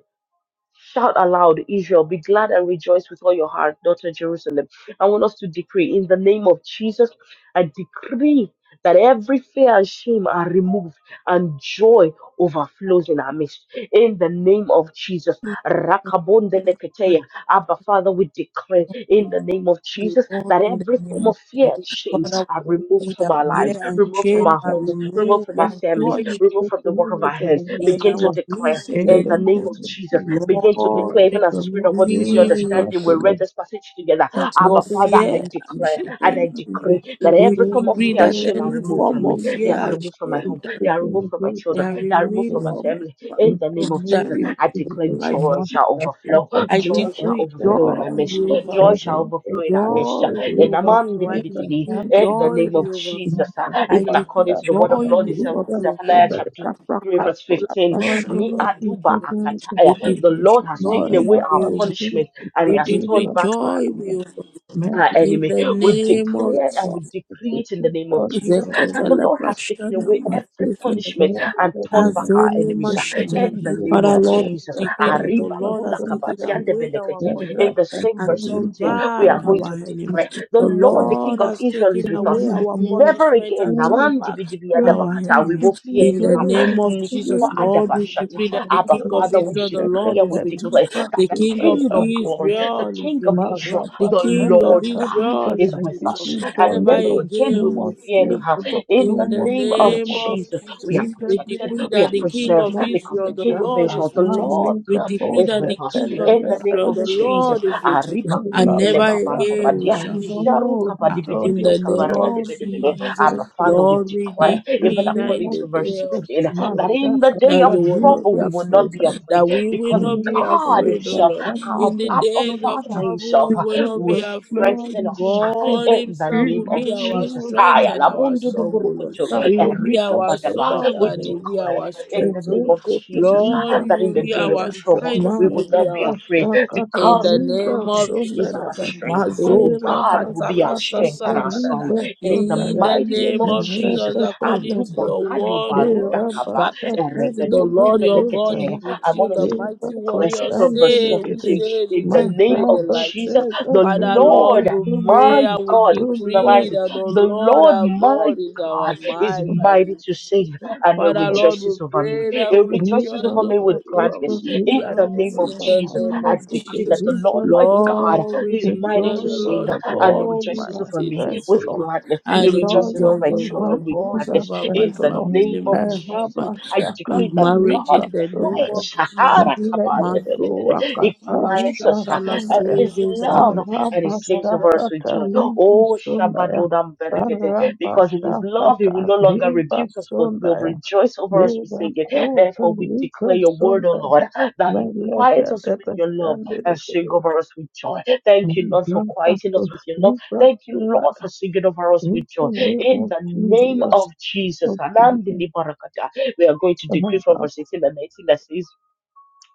Shout aloud, Israel, be glad and rejoice with all your heart, daughter Jerusalem. I want us to decree in the name of Jesus, I decree that every fear and shame are removed and joy overflows in our midst. In the name of Jesus, Rakabondeleketeya. Abba, Father, we declare in the name of Jesus
Lord,
that
in the
every form
name
of
of
fear and
Jesus,
shame
Father,
are removed
we pray
from
that
our
fear
lives,
and
removed from
shame
our
are
homes, removed
removed
from our
and
families,
joy shall
removed from the work of our hands.
be in
Begin to
our
declare
midst in the
In
in
the
the
name
name
of
of
Jesus.
name of
Jesus.
Jesus,
Begin to
Lord,
God,
declare,
the
even
we
as the Spirit
Lord,
of God gives
fill
you
my
pray
heart,
understanding.
O
We
Lord.
read this passage together.
that
In
your
Abba,
the
Father,
fear
I
name of
and
declare
Jesus,
and I
shame,
decree that
everything
we
every form of
and
decree
fear and
that
ten
shame are
of
any
your
removed
form
from me.
of
dreams,
They
O
fear
are
and
Lord,
removed from my
is
shame
home.
that
They are
remo-
removed
taken
from my
away
children.
from
that
my
They are
heart,
removed
O
remain
from my
Lord.
from
family.
my
In
In
the
the
name
family,
of
that
name
Jesus,
of
remain
I
Jesus,
from
declare
the
the
life of
joy
my
shall
Master,
children,
overflow.
Pastor,
I
Joy
Libra,
shall
decree
overflow in
joy
my
Shabaya,
midst.
will
Joy
overflow.
shall overflow
Everett,
in our midst.
Quarter,
Joy
In
will
the
Libra,
man-
overflow. I
Shabaya,
decree
and it's
in the
the
joy
name of
Second.
will overflow.
Jesus,
Master,
uh,
I
even
decree
according
Pastor,
to the
joy
word of
Pastor,
Lord in
will
Libra,
overflow.
Zephaniah chapter
Shabaya,
3, verse
Apple,
15.
Lord, O
Ni
Lord, in
aduba
the name of
akataya.
We
The
decree
Jesus,
Lord has
Mama,
taken
joy
away our
Rabba,
will.
punishment
Shilton,
and He
We
has
decree
Libra,
turned back our
joy
Shabaya.
will.
Man,
our
In
enemy.
the
that
We
name of
declare and we
that
Jesus,
is a
decree it in the
different
name of
story than
Jesus
I live
that the
in.
Zekatala
Lord has taken
Prashana
away
I have
every
to see
Masuse,
punishment
story that
and
I
turned
live
back
in.
our
Azoni
See,
enemies uh,
Mashatra.
in the name of
Father Lord,
Jesus.
we decree that the
you,
Arriba,
Lord
kula,
has taken
kabati, and the
away our
belekete.
yeah,
In the
punishment
a
same
and
verse
story,
turned
15,
but
we
back
are going
somebody.
our
to
I
enemies.
declare
think
the
The
it's
Lord,
your
the King
Lord
of
has
Israel,
taken
is with us.
away
story,
our
too.
Never
punishment
again,
and turned
And it's
Naman
back
dibi dibi
just,
our
adabakata, we
enemies.
will fear
In
any
the
harm.
name of
a
Jesus,
Nikuba
little-
Lord, we decree
adabashata.
that the
That's
Abba,
King
a-
of
Father, we
Israel,
that's
the
decree
Lord
and
is
we
with us.
declare that
The
the
King of
King of glory, the
Israel is
King of
with us.
Israel,
The
Marabashakataliba,
the
King of
Lord
Israel
is
is
I
with
give
with us.
us,
you
and
joy,
Never
O
never
Lord.
again
again
No
we will
more
will we fear.
fear any
shame,
harm.
O Lord.
In the
No
In the
more
name of
shame,
name
O
of
Lord.
Jesus, we
Jesus,
are
In the
we
protected,
name
decree
of
we
that
are
the
Jesus,
King
preserved,
of
no
because the
Israel, the
King
more
of
Lord
Israel,
is
the
with us.
Lord
We
Amalika
decree
is
that
with
Boshe
the
us.
King of
In the name
Israel,
of
the
Teleberandekete.
Jesus.
Lord is with us.
Arriba
And
kundele
never again we
babambabadia,
Rabashakata,
shall fear.
Lord,
jaruka
the
Um,
joy
In
badibidibini
the
of the
name of
Lord is
kabarakadebedebele.
our
Jesus,
Abba,
strength.
Father, we
Lord, we
declare,
In the
even
decree that
name
in
according
of
the
to verse
day of
Jesus,
16, that
trouble,
in the day
that
of
you will not
trouble
be
we
Masakataliba,
will not
afraid,
be afraid
that we will
because
because
not be
God
of
afraid, oh
Himself,
Lord.
our
In the
Abba
days of
Father
trouble,
Himself,
we will not
will
be afraid.
blood
strengthen
is my
us
prayer.
God
in the
Himself
In
name
will
of
be
the
our
name
Jesus.
of
strength
Hi,
and
Jesus.
our song, oh Lord.
alabunduduburukutu,
It will be
Katoliba
our
erikabadaba.
song
We
and it
sodaya.
will be
declare
our
in the
strength, oh
name of
Lord.
Eroko
Jesus,
Lord,
uh,
toliba
that
you
in
will
the
be
day of
our
sodaya.
trouble
strength,
we
you
Mara
will
will be
not
our
be afraid
basha
in
because
the name
kataliba
God
of
is
Jesus.
our
sondaya.
strength.
Mazopra
Era
God will be
katala
our
basha
strength and our
sasalagadada.
song.
kataliba
In the
In
sondaya.
the
mighty name
name
of
of
Jesus.
Jesus,
Rekete
according to
lete.
your
Adubakali
word, O Lord.
Era
barudakaba,
Back
basha
to The
kataliba
Lord your God is
erebedondebelekete.
sondaya.
I
with you.
want
The
to
mighty
declare
warrior
from verse
say, we
Rebabashandebekere,
17
say we
in the
take
name
great
of
delight in
Jesus,
you.
Mahabashaka,
the
Father
Lord
Lord, we
Tulibasuna,
pray
my
and we
God,
Yudha,
decree
personalize it.
that the
The
Lord
Lord
our God
my
is our
God is
might
mighty
and.
to save and it
Father, Lord, we
rejoices over me.
pray that we
It
We
rejoices
rejoice
worship
over me
over
with
you
God,
and we
gladness.
be
we
In the name
gladness in
of
worship thy
the
Jesus,
name
I
heavenly
of
sisters,
decree that
Jesus.
the
we
Lord
worship
my
thy
God
Lord, we
is
the
decree
mighty
that
to
the
joy of
save
Lord
the
and it
God
Lord is
rejoices
our
over
mighty
me
to
strength,
with
O Lord.
save
gladness.
The
and
It
he
joy
rejoices
of
over
rejoice
my
the Lord
children with
over
is
us,
our
gladness.
over my
In
strength, O
the
Lord.
name
family,
of
my
And
husband,
Jesus,
Rabba
I
my
decree that
Shakata
marriage
God
Libra
in the name of
Sundaya.
quiets,
And
Jesus.
be like the
Maso
He
Boshaka
prakatala
quiets us
Libra
uh,
shatala
and with
Sundaya.
His
sozo
love
and
zelekele.
and He
Rabba
sings over us with
Shakata
joy.
Libra
Oh,
Sundaya.
Shabadodam
and
Beregede,
Rabba
because in His love He will
Shakata
no longer
Libra
rebuke us but will
Sundaya.
rejoice over us with
Yeba
singing.
kota
Therefore, we
liba
declare your word, O
sonda
Lord, that you
meleka
quiet us with
deba
your love
sande
and sing
rekede.
over us with joy. Thank you, Lord, for
Mraka
quieting
to
us with your love.
liba
Thank you,
sonda.
Lord, for singing over us
In
with
the
joy.
name
In
of
the name of
Jesus,
Jesus,
of
Anandi
Jesus,
Libarakata. we are going to
and
decree from
of
verse 18 and 19 that says,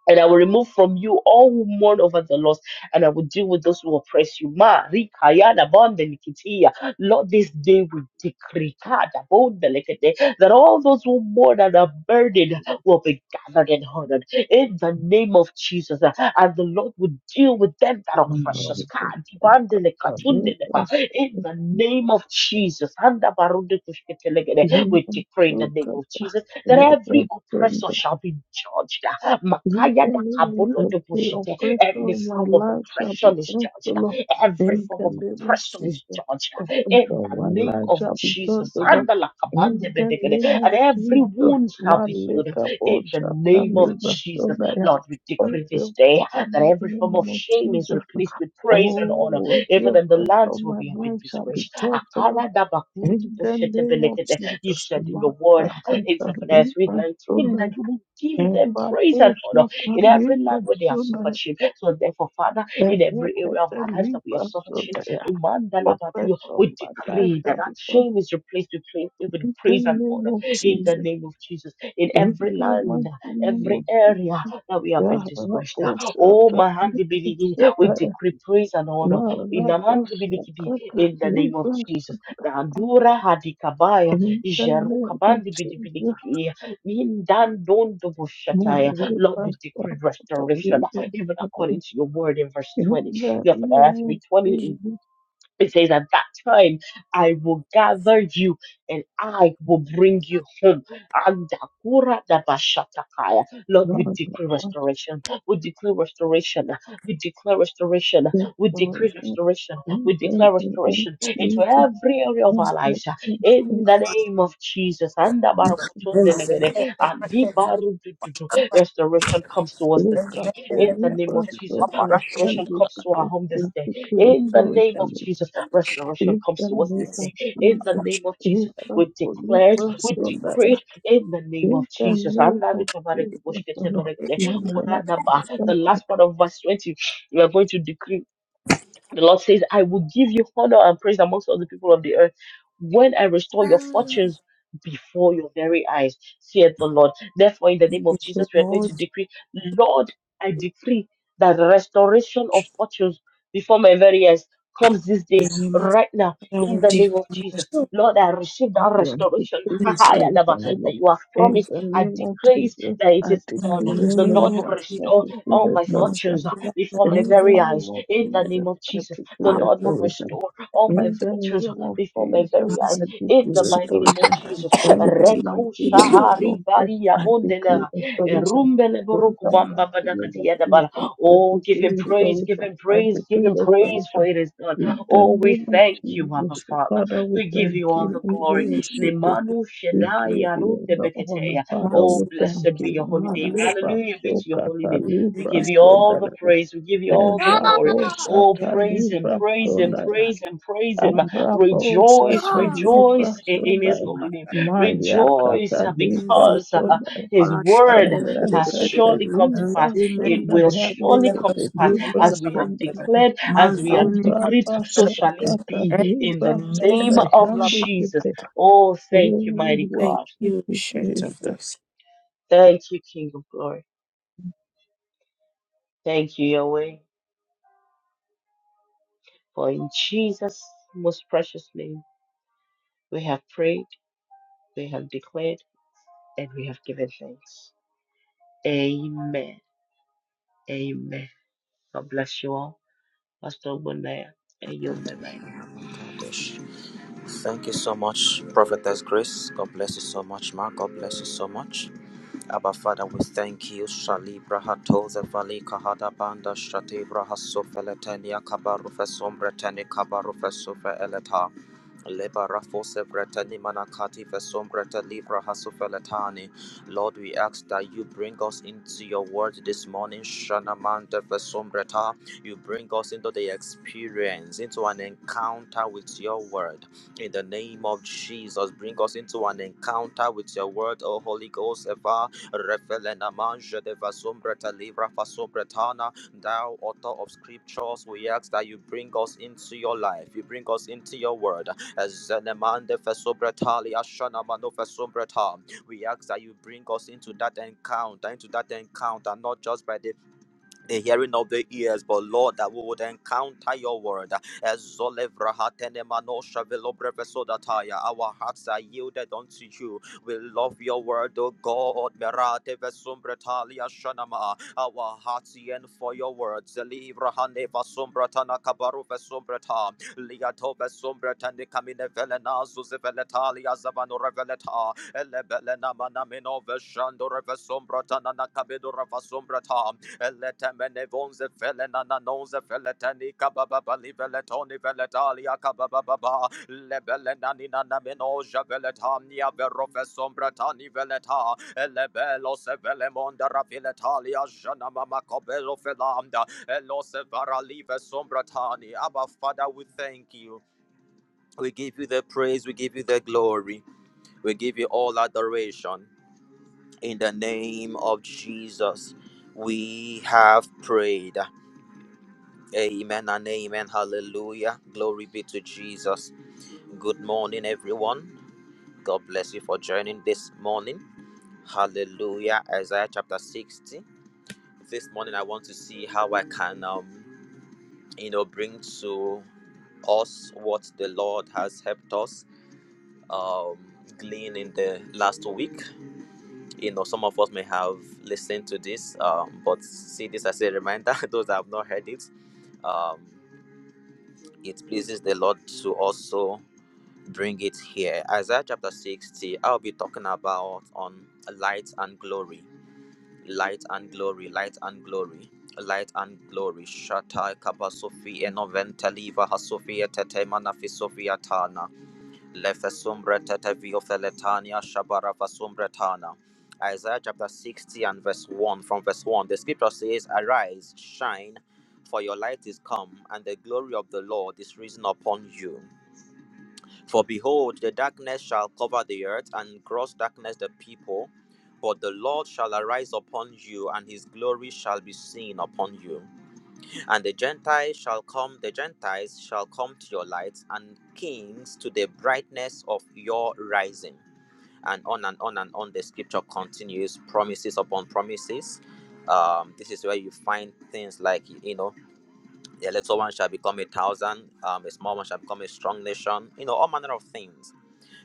and I will remove from you all who mourn over the loss, and I will deal with those who oppress you. Ma, rikaya da bonde nikitia. Lord, this day we decree kada bonde lekete, that all those who mourn and are burdened will be gathered and honored in the name of Jesus. And the Lord will deal with them that oppress us.
Liba
Kadi
sonda.
bande lekatunde leba. In the name of Jesus. Anda barunde kushkete legede. We decree in the name of Jesus that
Liba
every oppressor
sonda.
shall be judged
In
Makaya
the
da
name
kabolo
of
de
every
bushete.
oppression
Every
of my
form of
life shall
oppression
be
is judged.
cancelled.
Every
In
form
the
of
name of
oppression is
Jesus,
judged.
oppression
In
of
the
my
name
life
of
shall be
Jesus.
cancelled.
Andala kabande
In the
bedegede.
name of
And every
Jesus,
wound shall
my
be
leg
healed.
up all
In the
shall
name of
deliver so
Jesus.
that
Lord, we
I
decree
every
this day
oppression
that
in the
every form of
name of
shame is
Jesus.
replaced with praise and
Oh,
honor.
every
Even in the
oppression
lands
of
where
my
we have been
life shall be
disgraced.
cancelled.
Akara da bakundu
In the
bushete
name of
belegede. You
Jesus,
said in your word
Master,
in Zephaniah
Catalina,
3:19 that you will give them
Eva
praise and honor
Bosha
in every
Libra
land where they have suffered
Sudaya,
shame. So therefore, Father,
the
in every area of
Hecate
our lives that we have
Libra
suffered shame,
Sudaya,
Umanda Labadu,
oppress of
we
my life
decree that
shall be
that
done
shame is replaced with praise, with
in the
praise and
name
honor
of
in the
Jesus.
name of Jesus. In
In
every
the
land,
mighty name
every
of Jesus,
area that we have been
Yahra
disgraced. ah,
Bosha
Oh, Mahandi
Libra
Biligi, we
Sudaya,
decree praise and honor
Mara
in Namandi
Bosha
Biligi
Kata
in the name of
Libra
Jesus.
Sudaya,
The Andura
in the
Jeruka
name of
bandi bidi bidi
Jesus,
kidi. Mindan don do
Mara
bushataya. Lord,
Bosha
we decree
Kata
restoration,
Libra
even
Sudaya,
according to your word in verse
in
20.
the
Yes, Matthew
name of
20,
Jesus,
it says, At that time I will gather you and I will bring you home. Andakura dabashatakaya. Lord, we decree
Mara
restoration. We decree restoration. We declare restoration.
Yes,
We
Lord.
decree restoration.
We
We
thank
declare
you, Lord
restoration into
Jesus.
every area of
And
our
let
lives.
your
In
shape
the name of Jesus.
be
Andabarakutundelegede.
Zelekele brekete,
Andibarudududu. Restoration comes to us
big
this day.
up for
zelekele
In the
you,
name of
but
brekete.
so
Jesus.
by hand
Restoration
Operation.
we
comes
can
to our
take
home this
the
day
secret
in the name of
authority.
Jesus, restoration
In
comes
the
to us
name
this
of
day. In the
Jesus,
name of
big
Jesus, we
up for you,
declare it,
but
we
so by
decree it. In the name of
in the
Jesus. The
name of Jesus, O Lord. Mother of us, and
last part of verse 20, we are going to decree the Lord says, I will give you honor and praise amongst all the people of the earth when I restore your fortunes before your very eyes, saith the Lord. Therefore, in the name of Jesus, we are going
Lord,
to decree, Lord, I decree that the restoration of fortunes before my very eyes comes this
the
day,
name of
right now,
I
in
will
the
declare
name of Jesus.
the
Lord, I receive that
the
restoration
restoration,
goodness
that
O Lord.
you have
in
In
promised.
the
I
name of
decree
Jesus,
that it
I
is done.
the
decree
The Lord
name
will
of
restoration.
the
I
restore
decree
all my
Master,
restoration.
fortunes
the
before my
In
Father,
the
very
of
name
eyes.
of
In the name
Jesus,
of
I
Jesus,
decree
the Lord
Apple,
will
restoration.
restore all my
In
the
the
virtues
name of
before my very
Jesus,
eyes.
I
Master,
In
decree
the
so
mighty name of
restoration.
Jesus.
we
In the
declare
mighty
Reko
name of
the Lord,
shahari bari
Jesus, I
and
decree
yabondela.
restoration.
Erumbele
In
boroku
the
bamba
mighty name
badakati
of
yadabala.
Jesus, I
Oh, give
decree
him praise, give
restoration.
him
I
praise, give
decree
him
the
praise, for
restoration.
it is done.
In the
Oh, we
name of
thank you, Abba
Jesus,
Father.
Father, we
We give
thank
you all
you.
the
We
glory.
worship you.
Nemanu
We
shenaya
give you
Yarunde
the honor.
beketeya.
Father, we
Oh,
Master,
thank
blessed
the
be
you.
your holy name.
Father,
Maleba,
Hallelujah be to your holy
Sokata,
name.
the
We
Libra,
give
Amen, the
you all the
Sodalaba.
praise. We give you all the glory. Oh,
Brother,
Rabosata
praise Him,
Libra
praise Him,
Sondaya.
praise Him, praise Him. Rejoice,
Rabosata Libra
rejoice in in His
Sondaya.
holy name.
Maya
Rejoice
Kata
uh,
Libra
because uh,
Sondaya.
His word has
Erekata
surely come to pass.
Libra
It
Sondaya.
will surely come to
Handikata
pass
Libra
as we have
the
Sondaya.
declared, as we have
Mazoni
decreed, so shall it
Avrabasakata
be in the
Libra
one hundred
name
Sondaya.
percent.
of Jesus.
Handikata.
Oh, thank you,
Oh,
mighty
Thank
God.
worship
you,
you,
Ancient
Jesus.
of this.
Thank you, King of glory. Thank you, Yahweh. For in Jesus' most precious name, we have prayed, we have declared, and we have given thanks. Amen. Amen. God bless you all. Pastor Bonaya, and you, bye bye.
God bless Thank you so much, Prophetess Grace. God bless you so much, Mark. God bless you so much. Abba Father, we thank you. Shali Brahato Zavali Kahada Banda Shati Brahaso Feletania Kabaru Fesum Bretani Kabaru Fesu Eleta Leba Rafose Bretani Manakati Fesum Bretani Brahaso Feletani. Lord, we ask that you bring us into your word this morning, Shanamanda Fesum Breta. You bring us into the experience, into an encounter with your word. In the name of Jesus, bring us into an encounter with your word, O Holy Ghost. Eva, refelena manja de vasumbreta livra fasombretana. Thou author of scriptures, we ask that you bring us into your life. You bring us into your word. Ezenemande fasombretali ashana mano fasombreta. We ask that you bring us into that encounter, into that encounter, not just by the the hearing of the ears, but Lord, that we would encounter your word. As Our hearts are yielded unto you. We love your word, O God. Merate vesumbretali ashanama. Our hearts yearn for your words. Zelivrahane vesumbretana kabaru vesumbreta. Liato vesumbretani kamine velena zuzeveletali azavano reveleta. Elebelena manamino veshando revesumbretana nakabedo revesumbreta. Veleta menevonze felena nanonze veletani kabababali veletoni veletalia kababababa lebelena nina namenoja veletamnia verofesom bratani veleta elebelos velemonda raviletalia jana mama kobelo felamda elos varalive sombratani Abba Father we thank you we give you the praise we give you the glory we give you all adoration in the name of Jesus we have prayed Amen and amen. Hallelujah. Glory be to Jesus. Good morning, everyone. God bless you for joining this morning. Hallelujah. Isaiah chapter 60. This morning, I want to see how I can, um, you know, bring to us what the Lord has helped us um, glean in the last week. You know, some of us may have listened to this, um, but see this as a reminder. Those that have not heard it, um, it pleases the Lord to also bring it here. Isaiah chapter 60, I'll be talking about on light and glory, light and glory, light and glory, light and glory. Shata kabasofi enoventaliva hasofia tete manafisofia tana, lefesumbra tete viofeletania shabarafasumbretana. Isaiah chapter 60 and verse 1. From verse 1, the scripture says, Arise, shine, for your light is come, and the glory of the Lord is risen upon you. For behold, the darkness shall cover the earth, and gross darkness the people. But the Lord shall arise upon you, and his glory shall be seen upon you. And the Gentiles shall come, the Gentiles shall come to your light, and kings to the brightness of your rising. And on and on and on, the scripture continues, promises upon promises. Um, this is where you find things like, you know, a little one shall become a thousand, um, a small one shall become a strong nation, you know, all manner of things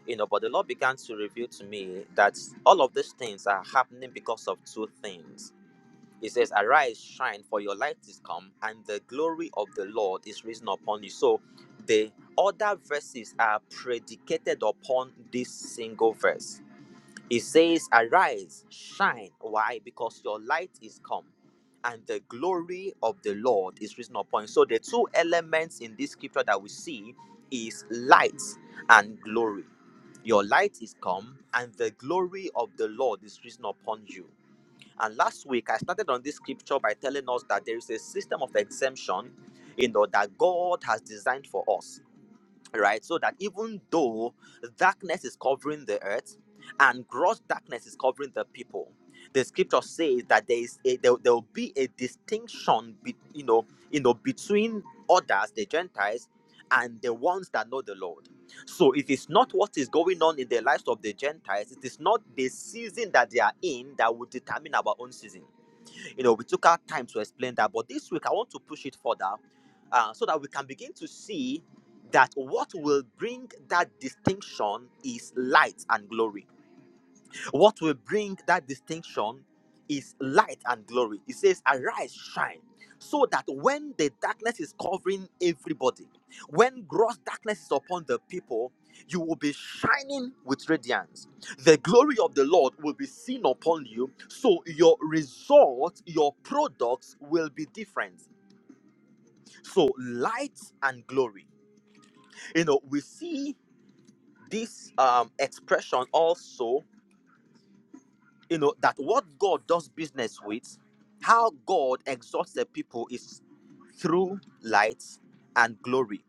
you know but the lord began to reveal to me that all of these things are happening because of two things he says arise shine for your light is come and the glory of the lord is risen upon you so the other verses are predicated upon this single verse it says, Arise, shine. Why? Because your light is come, and the glory of the Lord is risen upon you. So the two elements in this scripture that we see is light and glory. Your light is come, and the glory of the Lord is risen upon you. And last week I started on this scripture by telling us that there is a system of exemption, you know, that God has designed for us right? So that even though darkness is covering the earth and gross darkness is covering the people, the scripture says that there is a, there, there will be a distinction, be, you know, you know, between others, the Gentiles, and the ones that know the Lord. So it is not what is going on in the lives of the Gentiles. It is not the season that they are in that will determine our own season. You know, we took our time to explain that, but this week I want to push it further uh, so that we can begin to see that what will bring that distinction is light and glory what will bring that distinction is light and glory. It says, Arise, shine, so that when the darkness is covering everybody, when gross darkness is upon the people, you will be shining with radiance. The glory of the Lord will be seen upon you, so your results, your products will be different. So, light and glory. You know, we see this um, expression also you know that what god does business with how god exalts the people is through light and glory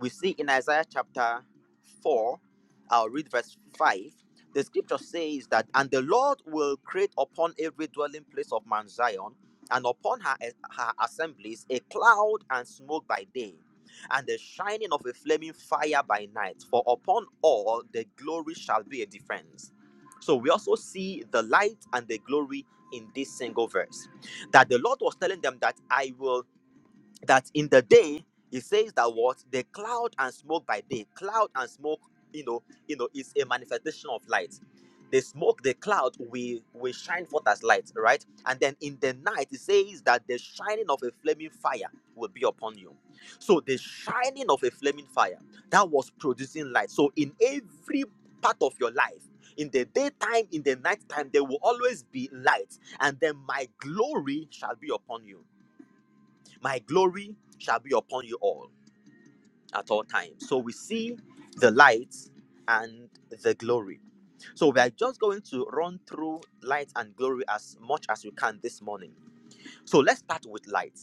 we see in isaiah chapter 4 i'll read verse 5 the scripture says that and the lord will create upon every dwelling place of mount zion and upon her, her assemblies a cloud and smoke by day and the shining of a flaming fire by night for upon all the glory shall be a defense so we also see the light and the glory in this single verse that the Lord was telling them that I will that in the day it says that what the cloud and smoke by day cloud and smoke you know you know is a manifestation of light the smoke the cloud will will shine forth as light right and then in the night it says that the shining of a flaming fire will be upon you so the shining of a flaming fire that was producing light so in every part of your life in the daytime in the nighttime there will always be light and then my glory shall be upon you my glory shall be upon you all at all times. So we see the light and the glory. So we are just going to run through light and glory as much as we can this morning. So let's start with light.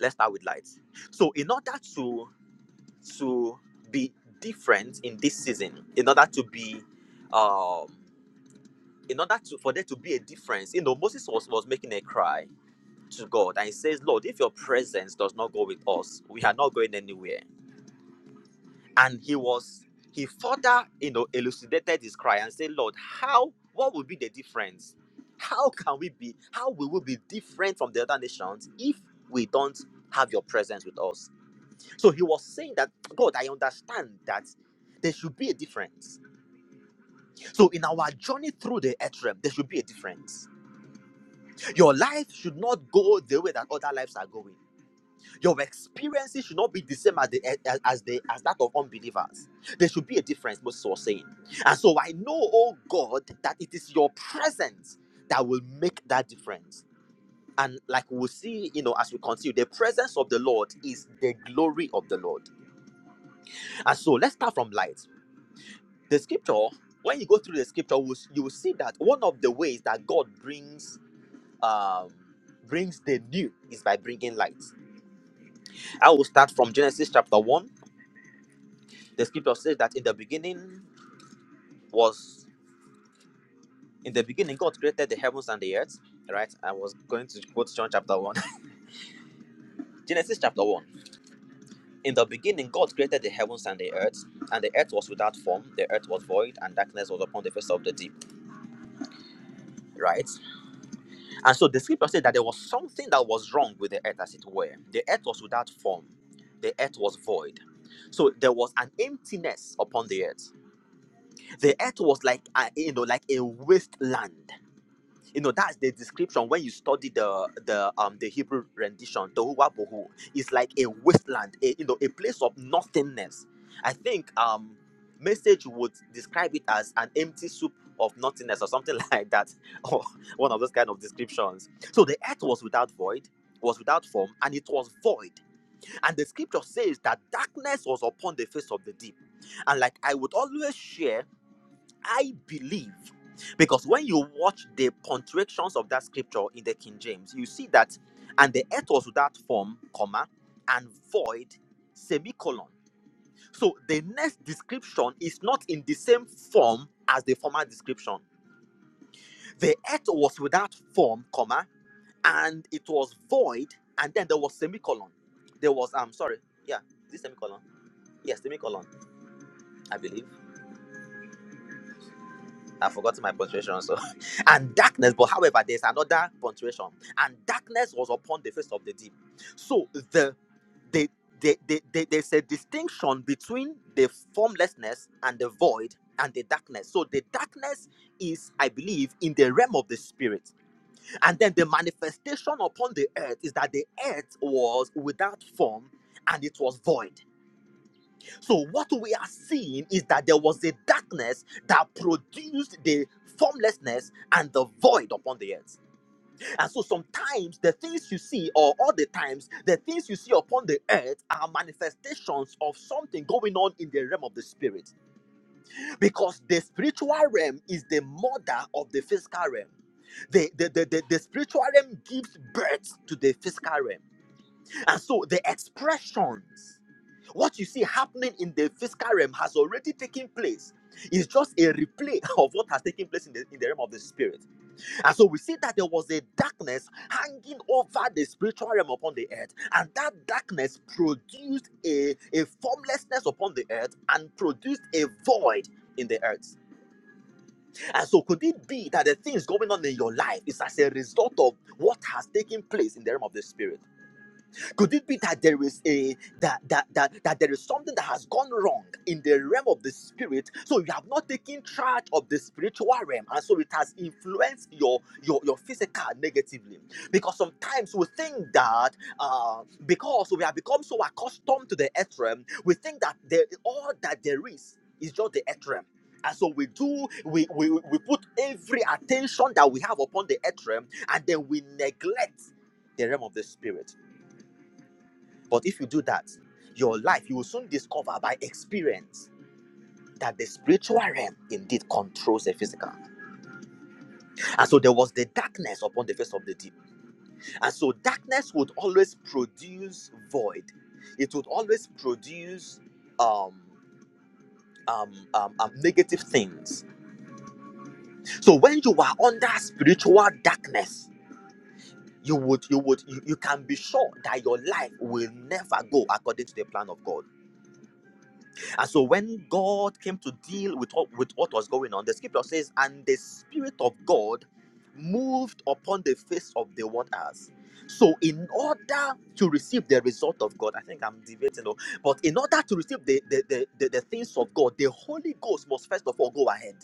Let's start with light. So in order to to be different in this season, in order to be um in order to for there to be a difference, you know, Moses was, was making a cry to God and he says, Lord, if your presence does not go with us, we are not going anywhere. and he was he further you know elucidated his cry and said lord how what will be the difference how can we be how will we be different from the other nations if we don't have your presence with us so he was saying that god i understand that there should be a difference so in our journey through the earth realm there should be a difference your life should not go the way that other lives are going Your experiences should not be the same as, the, as, as the, as that of unbelievers. There should be a difference, Moses was saying. And so I know, oh God, that it is your presence that will make that difference. And like we'll see, you know, as we continue, the presence of the Lord is the glory of the Lord. And so let's start from light. The scripture, when you go through the scripture, will- you will see that one of the ways that God brings um, brings the new is by bringing light. I will start from Genesis chapter 1 The scripture says that in the beginning was in the beginning God created the heavens and the earth. Right? I was going to quote John chapter one. Genesis chapter one. In the beginning God created the heavens and the earth, and the earth was without form, the earth was void, and darkness was upon the face of the deep. Right? And so the scripture said that there was something that was wrong with the earth as it were. The earth was without form. The earth was void. So there was an emptiness upon the earth. The earth was like a, you know like a wasteland. you know that's the description when you study the the um the hebrew rendition tohuwa bohu it's like a wasteland a, you know a place of nothingness i think um message would describe it as an empty soup of nothingness or something like that or one of those kind of descriptions so the earth was without void was without form and it was void and the scripture says that darkness was upon the face of the deep and like i would always share I believe, because when you watch the punctuations of that scripture in the King James, you see that, and the earth was without form, comma, and void, semicolon. So the next description is not in the same form as the former description. The earth was without form, comma, and it was void, and then there was semicolon. There was, I'm sorry, yeah, is this semicolon? Yes, semicolon, I believe. I've forgotten my punctuation. So, and darkness. But however, there's another punctuation. And darkness was upon the face of the deep. So the the, the, the, the there's a distinction between the formlessness and the void and the darkness. So the darkness is, I believe, in the realm of the spirit. And then the manifestation upon the earth is that the earth was without form and it was void so, what we are seeing is that there was a darkness that produced the formlessness and the void upon the earth. And so, sometimes the things you see, or all the times, the things you see upon the earth are manifestations of something going on in the realm of the spirit. Because the spiritual realm is the mother of the physical realm. The, the, the, the, the spiritual realm gives birth to the physical realm. And so, the expressions. What you see happening in the physical realm has already taken place. It's just a replay of what has taken place in the, in the realm of the spirit. And so we see that there was a darkness hanging over the spiritual realm upon the earth. And that darkness produced a, a formlessness upon the earth and produced a void in the earth. And so could it be that the things going on in your life is as a result of what has taken place in the realm of the spirit? Could it be that there is a that that that, that there is something that has gone wrong in the realm of the spirit? So you have not taken charge of the spiritual realm, and so it has influenced your your, your physical negatively. Because sometimes we think that uh, because we have become so accustomed to the earth realm, we think that there, all that there is is just the earth realm. And so we do, we, we, we put every attention that we have upon the earth realm, and then we neglect the realm of the spirit. But if you do that, your life, you will soon discover by experience that the spiritual realm indeed controls the physical. And so there was the darkness upon the face of the deep. And so darkness would always produce void, it would always produce um, um, um, um, negative things. So when you are under spiritual darkness, you would you would you, you can be sure that your life will never go according to the plan of God. And so when God came to deal with, what- with what was going on, the scripture says, and the Spirit of God moved upon the face of the waters. So, in order to receive the result of God, I think I'm debating, oh, but in order to receive the, the, the, the, the things of God, the Holy Ghost must first of all go ahead.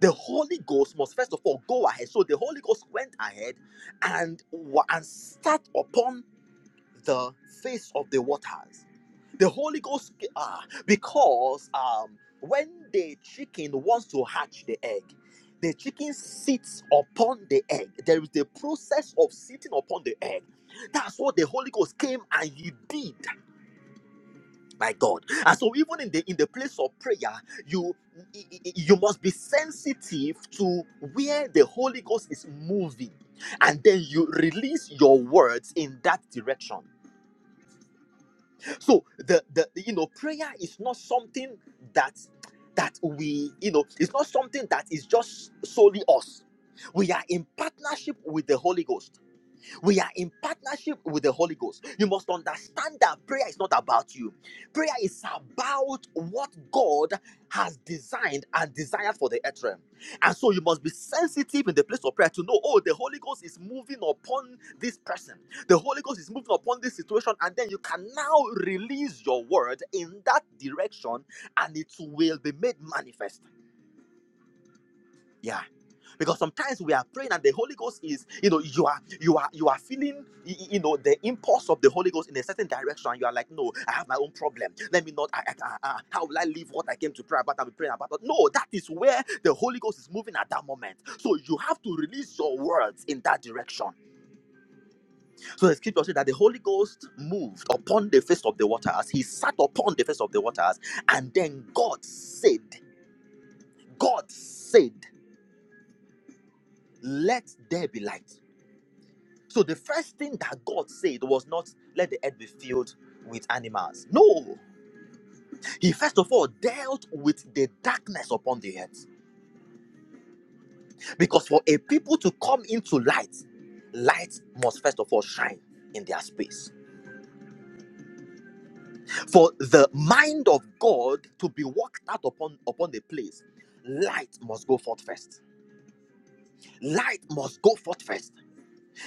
The Holy Ghost must first of all go ahead. So, the Holy Ghost went ahead and, wa- and sat upon the face of the waters. The Holy Ghost, ah, because um, when the chicken wants to hatch the egg, the chicken sits upon the egg. There is the process of sitting upon the egg. That's what the Holy Ghost came and He did, my God. And so, even in the in the place of prayer, you y- y- you must be sensitive to where the Holy Ghost is moving, and then you release your words in that direction. so the, the you know prayer is not something that that we you know it's not something that is just solely us we are in partnership with the holy ghost we are in partnership with the Holy Ghost. You must understand that prayer is not about you. Prayer is about what God has designed and desired for the earth realm. And so you must be sensitive in the place of prayer to know, oh, the Holy Ghost is moving upon this person. The Holy Ghost is moving upon this situation. And then you can now release your word in that direction and it will be made manifest. Yeah. Because sometimes we are praying and the Holy Ghost is, you know, you are you are you are feeling y- y- you know the impulse of the Holy Ghost in a certain direction. You are like, no, I have my own problem. Let me not I, I, I, I- how will I leave what I came to pray about I am praying about? But No, that is where the Holy Ghost is moving at that moment. So you have to release your words in that direction. So the scripture says that the Holy Ghost moved upon the face of the waters. He sat upon the face of the waters, and then God said, God said, Let there be light. So the first thing that God said was not let the earth be filled with animals. No, he first of all dealt with the darkness upon the earth. Because for a people to come into light, light must first of all shine in their space. For the mind of God to be worked out upon upon the place, light must go forth first. Light must go forth first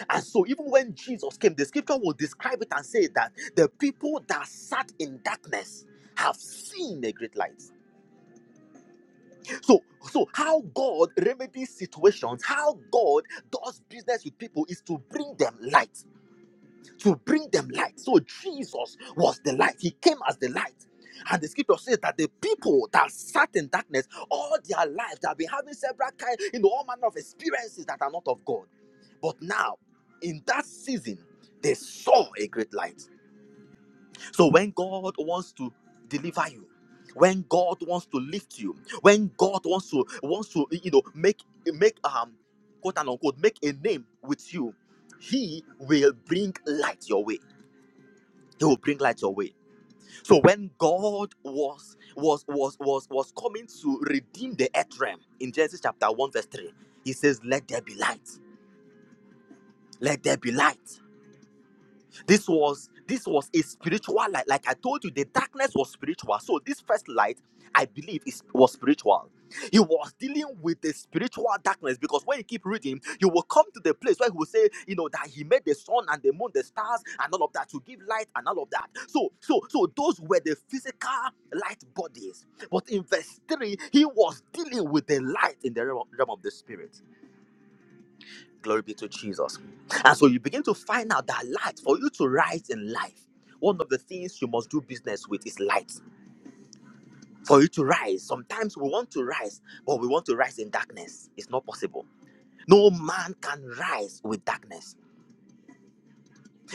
And so, even when Jesus came, the scripture will describe it and say that the people that sat in darkness have seen a great light. So, so how God remedies situations, how God does business with people is to bring them light to bring them light. So Jesus was the light. He came as the light. And the scripture says that the people that sat in darkness all their life, they have been having several kind, you know, all manner of experiences that are not of God. But now, in that season, they saw a great light. So when God wants to deliver you, when God wants to lift you, when God wants to wants to you know make make um quote and unquote make a name with you, He will bring light your way he will bring light your way so when god was was was was was coming to redeem the earth realm in genesis chapter 1 verse 3 he says let there be light let there be light this was this was a spiritual light like i told you the darkness was spiritual so this first light i believe is was spiritual he was dealing with the spiritual darkness because when you keep reading you will come to the place where he will say you know that he made the sun and the moon the stars and all of that to give light and all of that so so so those were the physical light bodies but in verse 3 he was dealing with the light in the realm realm of the spirit Glory be to Jesus. And so you begin to find out that light, for you to rise in life, one of the things you must do business with is light. For you to rise, sometimes we want to rise, but we want to rise in darkness. It's not possible. No man can rise with darkness.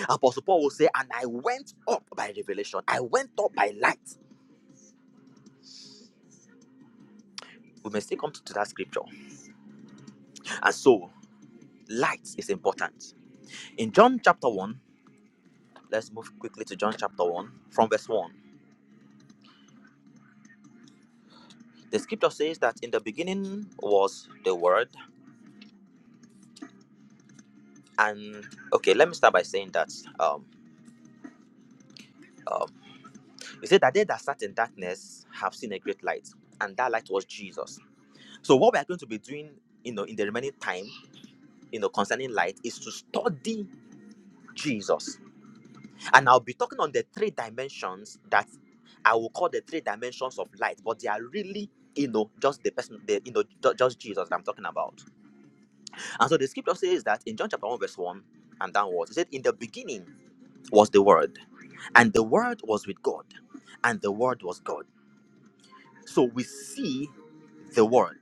Apostle Paul will say, And I went up by revelation, I went up by light. We may still come to to that scripture. And so, light is important. In John chapter 1, let's move quickly to John chapter 1 from verse 1. The scripture says that in the beginning was the word, and okay, let me start by saying that um, um, you say that they that sat in darkness have seen a great light, and that light was Jesus. So what we are going to be doing, you know, in the remaining time, you know, concerning light, is to study Jesus, and I'll be talking on the three dimensions that I will call the three dimensions of light, but they are really, you know, just the person, the, you know, ju- just Jesus that I'm talking about. And so the scripture says that in John chapter 1, verse 1 and downwards, it said, In the beginning was the Word, and the Word was with God, and the Word was God. So we see the Word.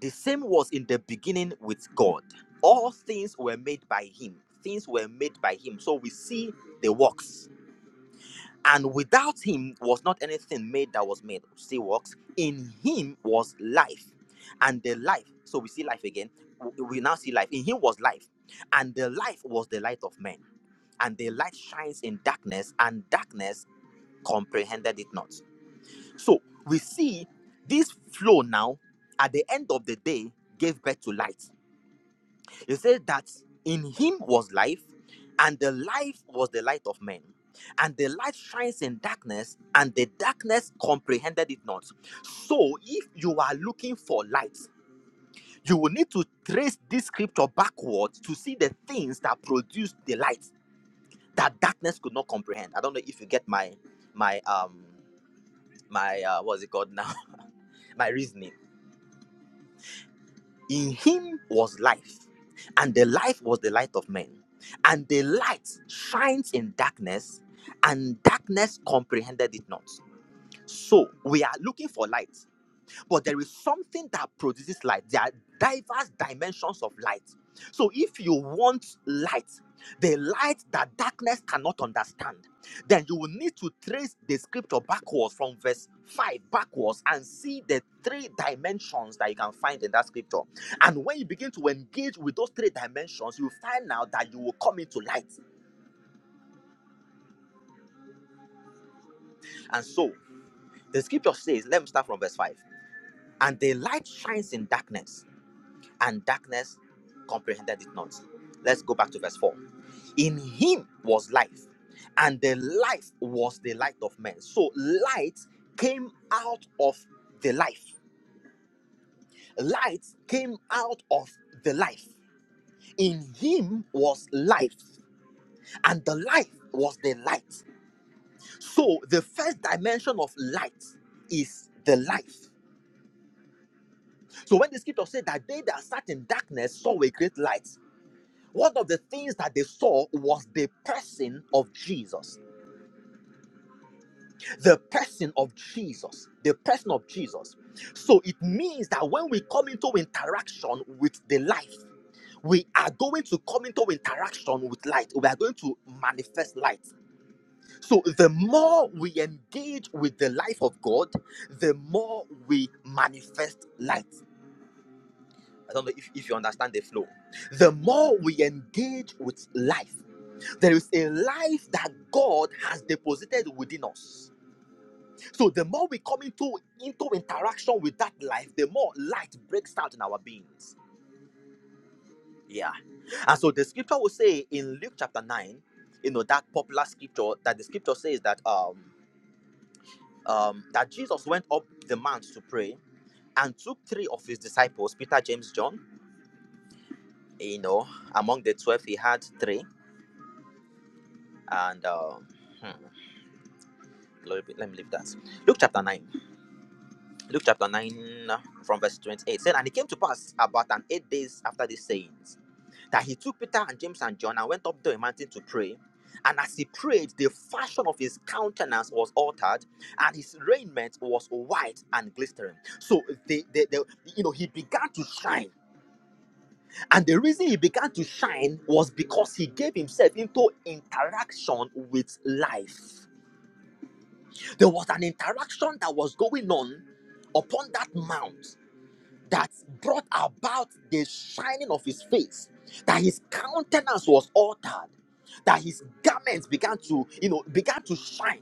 The same was in the beginning with God. All things were made by Him, things were made by Him. So we see the works. And without him was not anything made that was made. See works. In him was life. And the life, so we see life again. W- We now see life. In him was life. And the life was the light of men. And the light shines in darkness, and darkness comprehended it not. So we see this flow now at the end of the day gave birth to light. It says that in him was life, and the life was the light of men. And the light shines in darkness, and the darkness comprehended it not. So, if you are looking for light, you will need to trace this scripture backwards to see the things that produced the light that darkness could not comprehend. I don't know if you get my my um my uh what's it called now my reasoning In him was life, and the life was the light of men. And the light shines in darkness, and darkness comprehended it not. So we are looking for light but there is something that produces light. There are diverse dimensions of light. So if you want light, the light that darkness cannot understand, then you will need to trace the scripture backwards from verse 5 backwards and see the three dimensions that you can find in that scripture. And when you begin to engage with those three dimensions, you find out that you will come into light. And so the scripture says, let me start from verse 5. And the light shines in darkness and darkness comprehended it not. Let's go back to verse 4. In him was life, and the life was the light of men. So light came out of the life. Light came out of the life. In him was life, and the life was the light. So the first dimension of light is the life. So when the scripture said that they that sat in darkness saw a great light, One of the things that they saw was the person of Jesus. The person of Jesus. The person of Jesus. So it means that when we come into interaction with the life, we are going to come into interaction with light. We are going to manifest light. So the more we engage with the life of God, the more we manifest light. I don't know if, if you understand the flow. The more we engage with life, There is a life that God has deposited within us. So the more we come into, into interaction with that life, the more light breaks out in our beings. Yeah. And so the scripture will say in Luke chapter 9, you know, that popular scripture that the scripture says that um um that Jesus went up the mount to pray and took three of his disciples, Peter, James, John, you know, among the twelve he had three. And um hmm, let me let me leave that. Luke chapter 9. Luke chapter 9 uh, from verse 28 said, And it came to pass about an eight days after these sayings that he took Peter and James and John and went up to a mountain to pray. And as he prayed, the fashion of his countenance was altered, and his raiment was white and glistering. So they, they, they you know, he began to shine. And the reason he began to shine was because he gave himself into interaction with life. There was an interaction that was going on upon that mount that brought about the shining of his face, that his countenance was altered, that his garments began to, you know, began to shine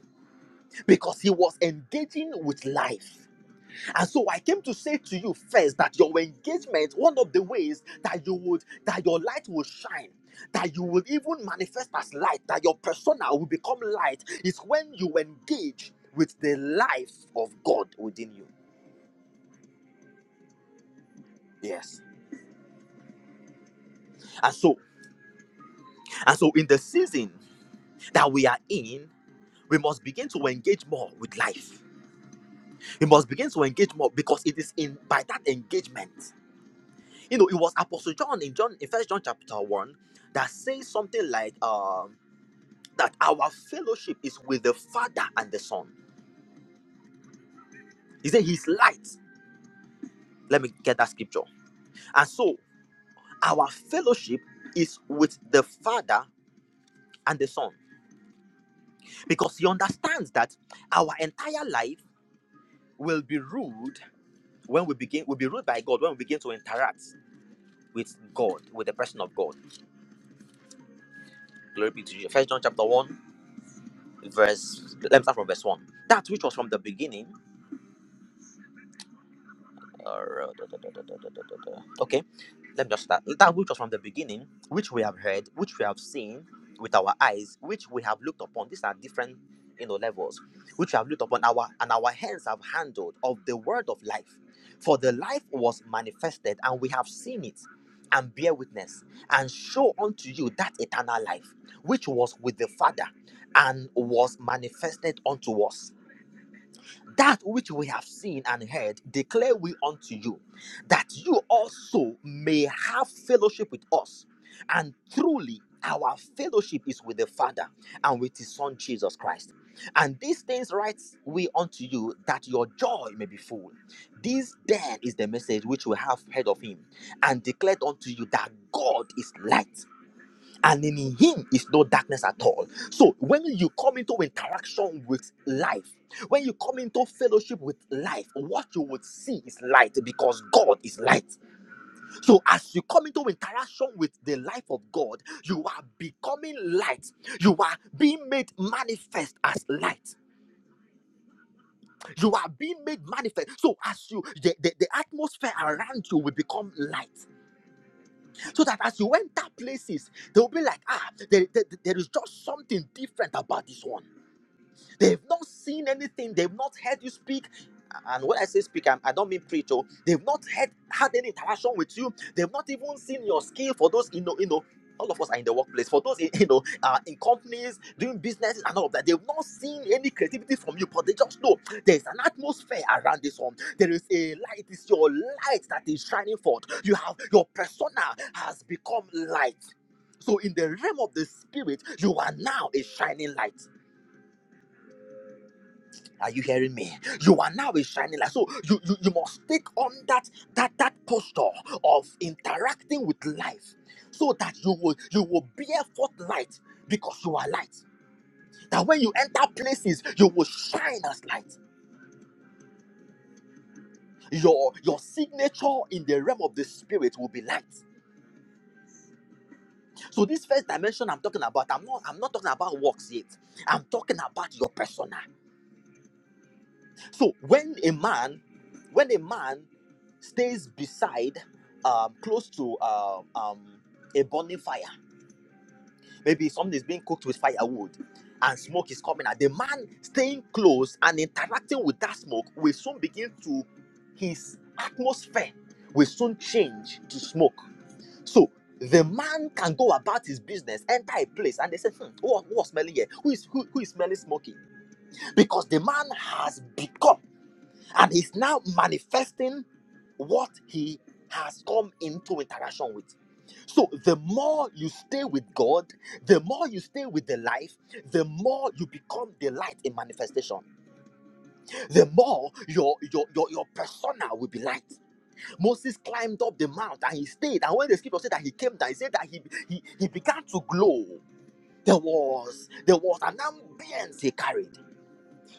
because he was engaging with life. And so I came to say to you first that your engagement, one of the ways that you would, that your light will shine, that you will even manifest as light, that your persona will become light, is when you engage with the life of God within you. Yes. And so, and so in the season that we are in, we must begin to engage more with life. We must begin to engage more because it is in by that engagement. You know, it was Apostle John in John in First John chapter one that says something like um, that our fellowship is with the Father and the Son. He said His light. Let me get that scripture. And so our fellowship is with the Father and the Son because He understands that our entire life will be ruled when we begin will be ruled by God when we begin to interact. with God, with the person of God. Glory be to you. First John chapter 1, verse let's start from verse 1. That which was from the beginning, Okay, let me just start. That which was from the beginning, which we have heard, which we have seen with our eyes, which we have looked upon. These are different, you know, levels. Which we have looked upon our and our hands have handled of the word of life. For the life was manifested, and we have seen it, and bear witness, and show unto you that eternal life, which was with the Father, and was manifested unto us that which we have seen and heard declare we unto you that you also may have fellowship with us and truly our fellowship is with the father and with his son jesus christ and these things write we unto you that your joy may be full this then is the message which we have heard of him and declared unto you that god is light and in him is no darkness at all. So when you come into interaction with life, when you come into fellowship with life, what you would see is light because God is light. So as you come into interaction with the life of God, you are becoming light. You are being made manifest as light. You are being made manifest. So as you the, the, the atmosphere around you will become light. So that as you enter places, they'll be like, ah, there, there there is just something different about this one. They've not seen anything. They've not heard you speak. And when I say speak, I'm- I don't mean preach. Oh, they've not had had any interaction with you. They've not even seen your skill. For those, you know, you know, all of us are in the workplace. For those, in- you know, uh, in companies doing businesses and all of that, they've not seen any creativity from you. But they just know there is an atmosphere around this one. There is a light. It's your light that is shining forth. You have your persona has become light. So in the realm of the spirit, you are now a shining light. Are you hearing me? You are now a shining light. So you, you, you must take on that that that posture of interacting with life so that you will you will bear forth light because you are light. That when you enter places, you will shine as light. Your your signature in the realm of the spirit will be light. So this first dimension I'm talking about, I'm not I'm not talking about works yet. I'm talking about your persona. So when a man, when a man stays beside, um, close to um, um, a burning fire, maybe something is being cooked with firewood, and smoke is coming out. The man staying close and interacting with that smoke will soon begin to his atmosphere will soon change to smoke. So the man can go about his business, enter a place, and they say, hmm, who, who was smelling here? Who is who, who is smelling smoking? Because the man has become and he's now manifesting what he has come into interaction with. So the more you stay with God, the more you stay with the life, the more you become the light in manifestation. The more your your your, your persona will be light. Moses climbed up the mount and he stayed. And when the scripture said that he came down, he said that he he, he began to glow. There was there was an ambience he carried.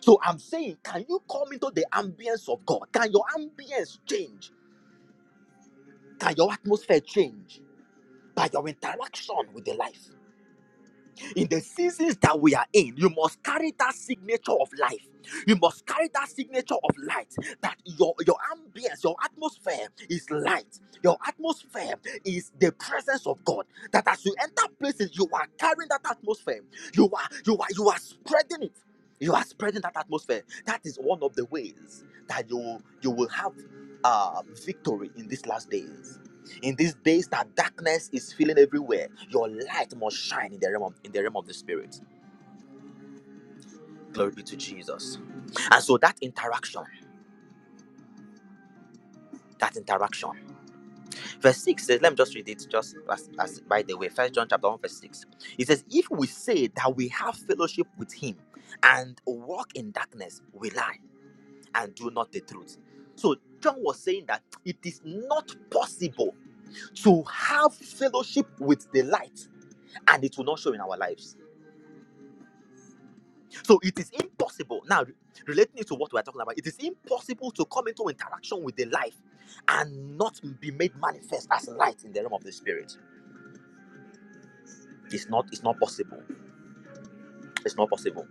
So I'm saying, can you come into the ambience of God? Can your ambience change? Can your atmosphere change by your interaction with the life? in the seasons that we are in, you must carry that signature of life. You must carry that signature of light. That your, your ambience, your atmosphere is light. Your atmosphere is the presence of God. That as you enter places, you are carrying that atmosphere. You are you are you are spreading it. You are spreading that atmosphere. That is one of the ways that you you will have uh, victory in these last days. In these days that darkness is filling everywhere, your light must shine in the realm of, in the realm of the spirit. Glory be to Jesus. And so that interaction, that interaction. Verse 6 says, let me just read it just as, as by the way. First John chapter 1, verse 6. It says, If we say that we have fellowship with him and walk in darkness, we lie and do not the truth. So John was saying that it is not possible to have fellowship with the light and it will not show in our lives. So it is impossible. Now, re- relating it to what we're talking about, it is impossible to come into interaction with the life and not be made manifest as light in the realm of the spirit. It's not, it's not possible. It's not possible.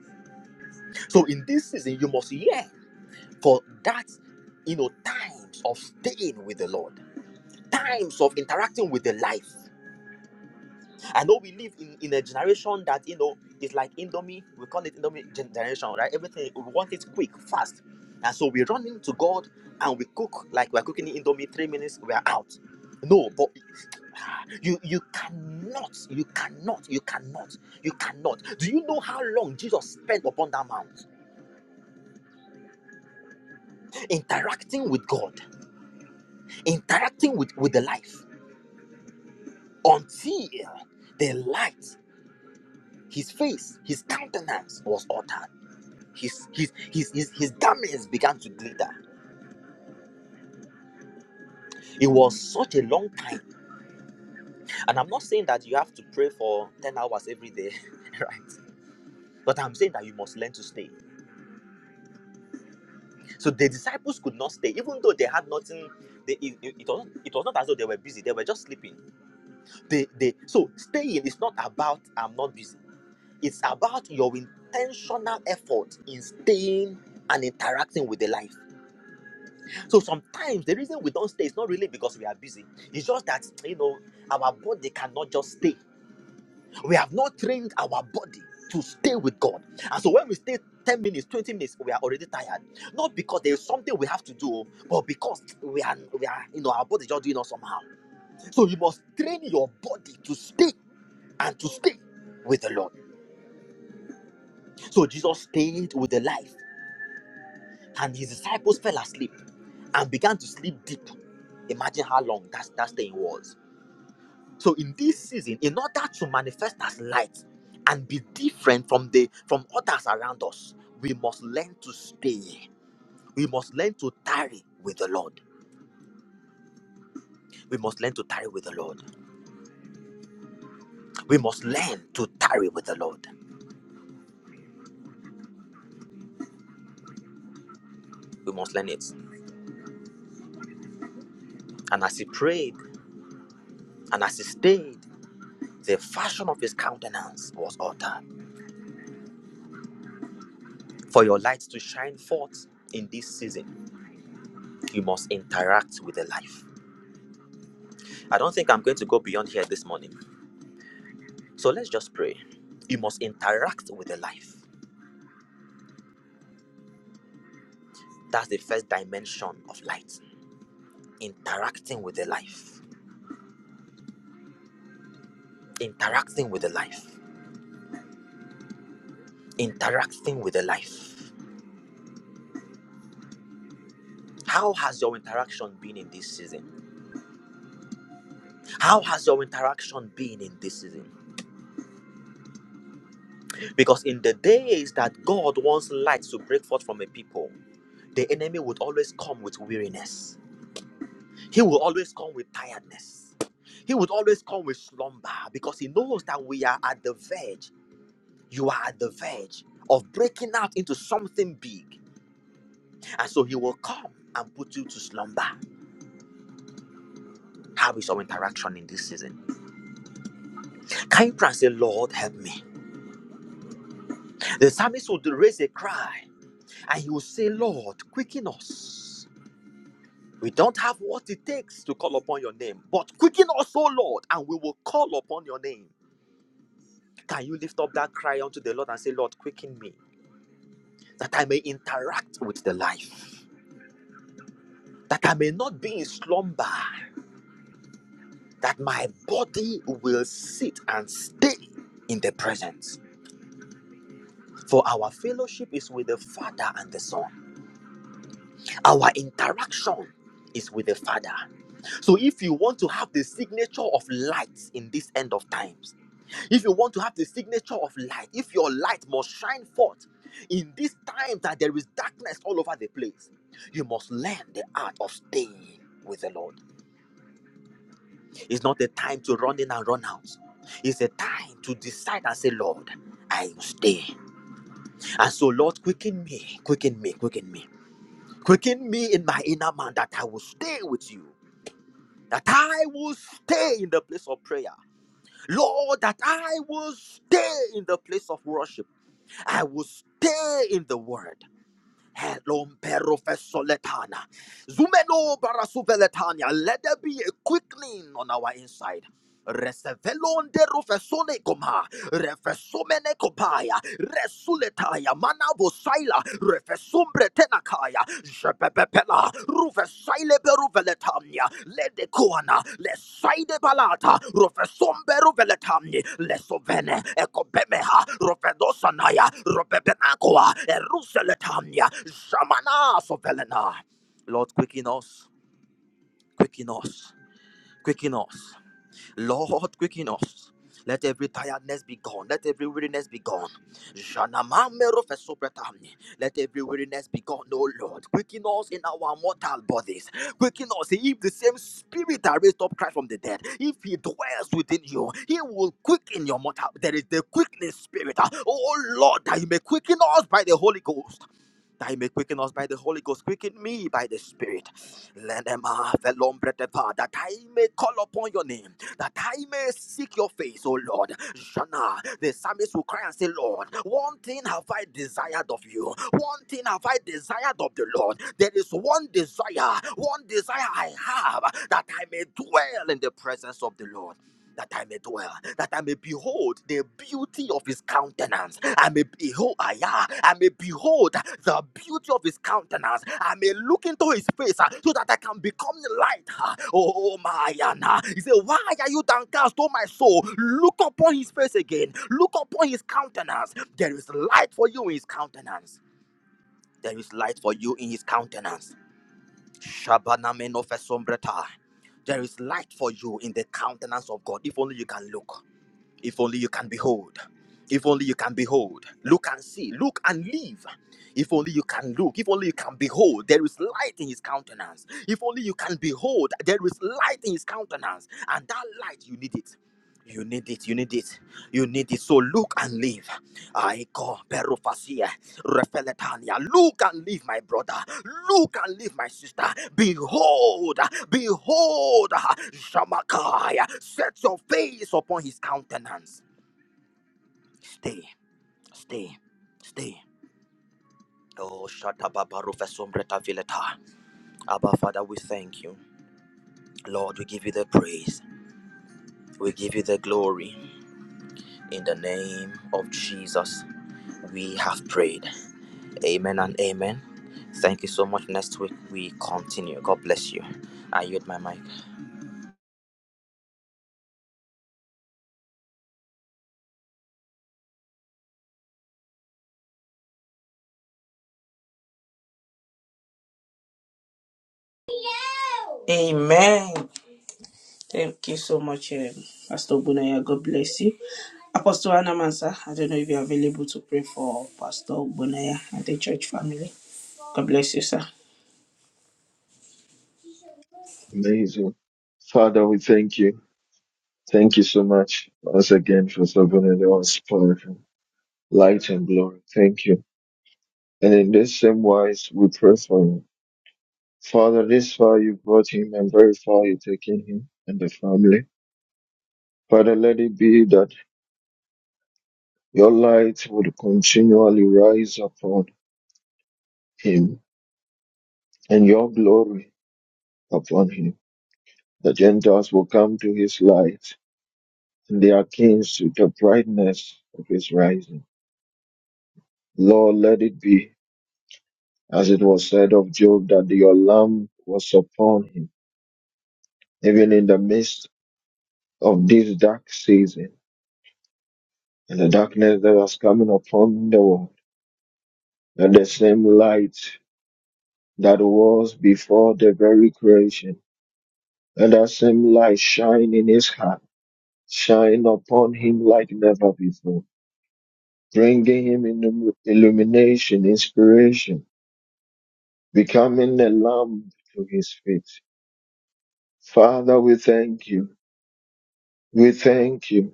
So in this season, you must yearn for that, you know, times of staying with the Lord, times of interacting with the life. I know we live in, in a generation that you know is like Indomie. We call it Indomie gen- generation, right? Everything we want it quick, fast, and so we run into God and we cook like we're cooking Indomie. Three minutes, we are out. No, but you you cannot, you cannot, you cannot, you cannot. Do you know how long Jesus spent upon that mount, interacting with God, interacting with with the life, until the light, His face, His countenance was altered. his his his his, his garments began to glitter it was such a long time and i'm not saying that you have to pray for 10 hours every day right but i'm saying that you must learn to stay so the disciples could not stay even though they had nothing they, it, it, it was, it was not as though they were busy they were just sleeping they they so staying is not about i'm not busy it's about your intentional effort in staying and interacting with the life So sometimes the reason we don't stay is not really because we are busy. It's just that you know our body cannot just stay. We have not trained our body to stay with God. And so when we stay 10 minutes, 20 minutes, we are already tired. Not because there is something we have to do, but because we are we are you know our body just doing us somehow. So you must train your body to stay and to stay with the Lord. So Jesus stayed with the life, and his disciples fell asleep and began to sleep deep. Imagine how long that, that staying was. So in this season, in order to manifest as light and be different from the from others around us, we must learn to stay. We must learn to tarry with the Lord. We must learn to tarry with the Lord. We must learn to tarry with the Lord. We must learn it. And as he prayed and as he stayed, the fashion of his countenance was altered. For your light to shine forth in this season, you must interact with the life. I don't think I'm going to go beyond here this morning So let's just pray. You must interact with the life. That's the first dimension of light. Interacting with the life. Interacting with the life. Interacting with the life. How has your interaction been in this season? How has your interaction been in this season? Because in the days that God wants light to break forth from a people, the enemy would always come with weariness. He will always come with tiredness. He would always come with slumber because he knows that we are at the verge You are at the verge of breaking out into something big. And so he will come and put you to slumber. How is our interaction in this season? Can you pray and say, Lord, help me? The psalmist would raise a cry and he will say, Lord, quicken us. We don't have what it takes to call upon your name, but quicken us, O Lord, and we will call upon your name. Can you lift up that cry unto the Lord and say, Lord, quicken me, that I may interact with the life, that I may not be in slumber, that my body will sit and stay in the presence. For our fellowship is with the Father and the Son, our interaction is with the Father. So, if you want to have the signature of light in this end of times, if you want to have the signature of light, if your light must shine forth in this time that there is darkness all over the place, you must learn the art of staying with the Lord. It's not a time to run in and run out. It's a time to decide and say, Lord, I will stay. And so, Lord, quicken me, quicken me, quicken me, quicken me in my inner man that I will stay with you, that I will stay in the place of prayer. Lord, that I will stay in the place of worship. I will stay in the word. Hello, Perofesoletana. Zumeno barasuveletania. Let there be a quickening on our inside. Resevelonde rufesone koma, refesomene kopaya, resuletaya, manavosaila, refesumbre tenakaya, jepepepela, rufesaile beruveletamnia, ledekoana, lesaide balata, rufesombe ruveletamni, lesovene, ekobemeha, rufedosanaya, rubebenakoa, eruseletamnia, jamana sovelena. Lord, quicken us, quicken us, quicken us. Lord, quicken us. Let every tiredness be gone. Let every weariness be gone. Janamamero fesobretahni. Let every weariness be gone, O Lord. Quicken us in our mortal bodies. Quicken us. If the same spirit that raised up Christ from the dead, if he dwells within you, he will quicken your mortal. There is the quickening spirit. Oh Lord, that you may quicken us by the Holy Ghost that he may quicken us by the Holy Ghost, quicken me by the Spirit. Let them have the long breath of power, that I may call upon your name that I may seek your face, O Lord. Shana, the psalmist will cry and say, Lord, one thing have I desired of you, one thing have I desired of the Lord. There is one desire, one desire I have that I may dwell in the presence of the Lord that I may dwell, that I may behold the beauty of his countenance. I may behold, ah, yeah, I may behold the beauty of his countenance. I may look into his face ah, so that I can become the light. ah. Oh, oh, my, Anna. He said, Why are you downcast, oh, my soul? Look upon his face again. Look upon his countenance. There is light for you in his countenance. There is light for you in his countenance. Shabana menofesombreta. There is light for you in the countenance of God, if only you can look. If only you can behold. If only you can behold. Look and see. Look and live. If only you can look. If only you can behold. There is light in his countenance. If only you can behold. There is light in his countenance. And that light, you need it. You need it. You need it. You need it. So look and live. I Aiko perufasia refeletania. Look and leave my brother. Look and leave my sister. Behold, behold, Shamakaya. Set your face upon his countenance. Stay, stay, stay. Oh, Shatababa Rufesumbreta Vileta. Abba, Father, we thank you. Lord, we give you the praise. We give you the glory. In the name of Jesus, we have prayed. Amen and amen. Thank you so much. Next week we continue. God bless you. I yield my mic.
Amen. Thank you so much, um, Pastor Bunaya. God bless you. Apostle Anna Mansa, I don't know if you're available to pray for Pastor Bunaya and the church family. God bless you, sir.
Amazing. Father, we thank you. Thank you so much once again for serving in the us powerful light and glory. Thank you. And in this same wise, we pray for you. Father, this far you brought him and very far you've taken him and the family. Father, let it be that your light would continually rise upon him and your glory upon him. The Gentiles will come to his light and they are kings to the brightness of his rising. Lord, let it be as it was said of Job that your lamp was upon him, even in the midst of this dark season and the darkness that was coming upon the world. And the same light that was before the very creation, and that same light shine in his heart, shine upon him like never before, bringing him illum- illumination, inspiration, becoming a lamp to his feet. Father, we thank you. We thank you.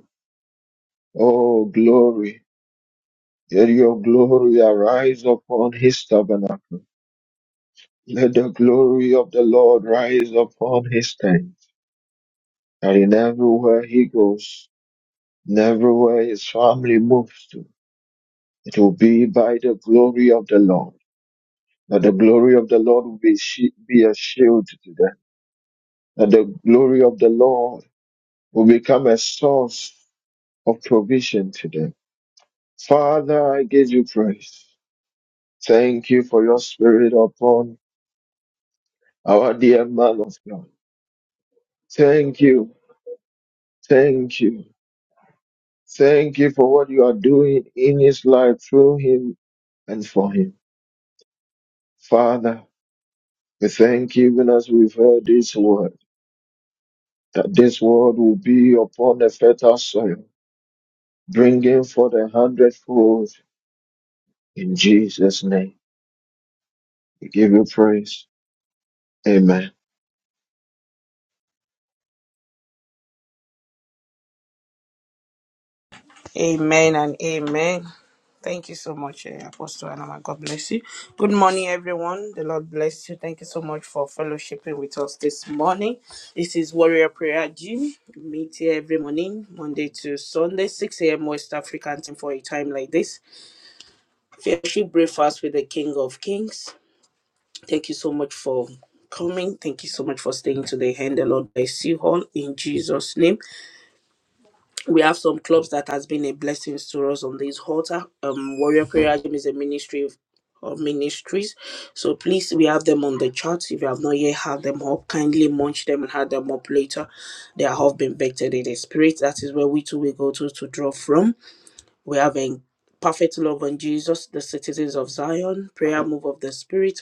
Oh, glory. Let your glory arise upon his tabernacle. Let the glory of the Lord rise upon his tent. And in everywhere he goes, in everywhere his family moves to, it will be by the glory of the Lord. That the glory of the Lord will be, shi- be a shield to them. That the glory of the Lord will become a source of provision to them. Father, I give you praise. Thank you for your spirit upon our dear man of God. Thank you. Thank you. Thank you for what you are doing in his life through him and for him. Father, we thank you even as we've heard this word, that this word will be upon the fertile soil, bringing forth a hundredfold in Jesus' name. We give you praise. Amen.
Amen and amen. Thank you so much, eh, Apostle Anama. God bless you. Good morning, everyone. The Lord bless you. Thank you so much for fellowshipping with us this morning. This is Warrior Prayer Gym. We meet here every morning, Monday to Sunday, 6 a.m. West African time for a time like this. Fellowship breakfast with the King of Kings. Thank you so much for coming. Thank you so much for staying to the end. The Lord bless you all in Jesus' name we have some clubs that has been a blessing to us on this altar. Um, Warrior Prayer Gym is a ministry of of ministries. So please, we have them on the charts. If you have not yet had them up, kindly munch them and have them up later. They have been vetted in the spirit. That is where we too will go to to draw from. We have in perfect love on Jesus, the citizens of Zion, prayer move of the Spirit,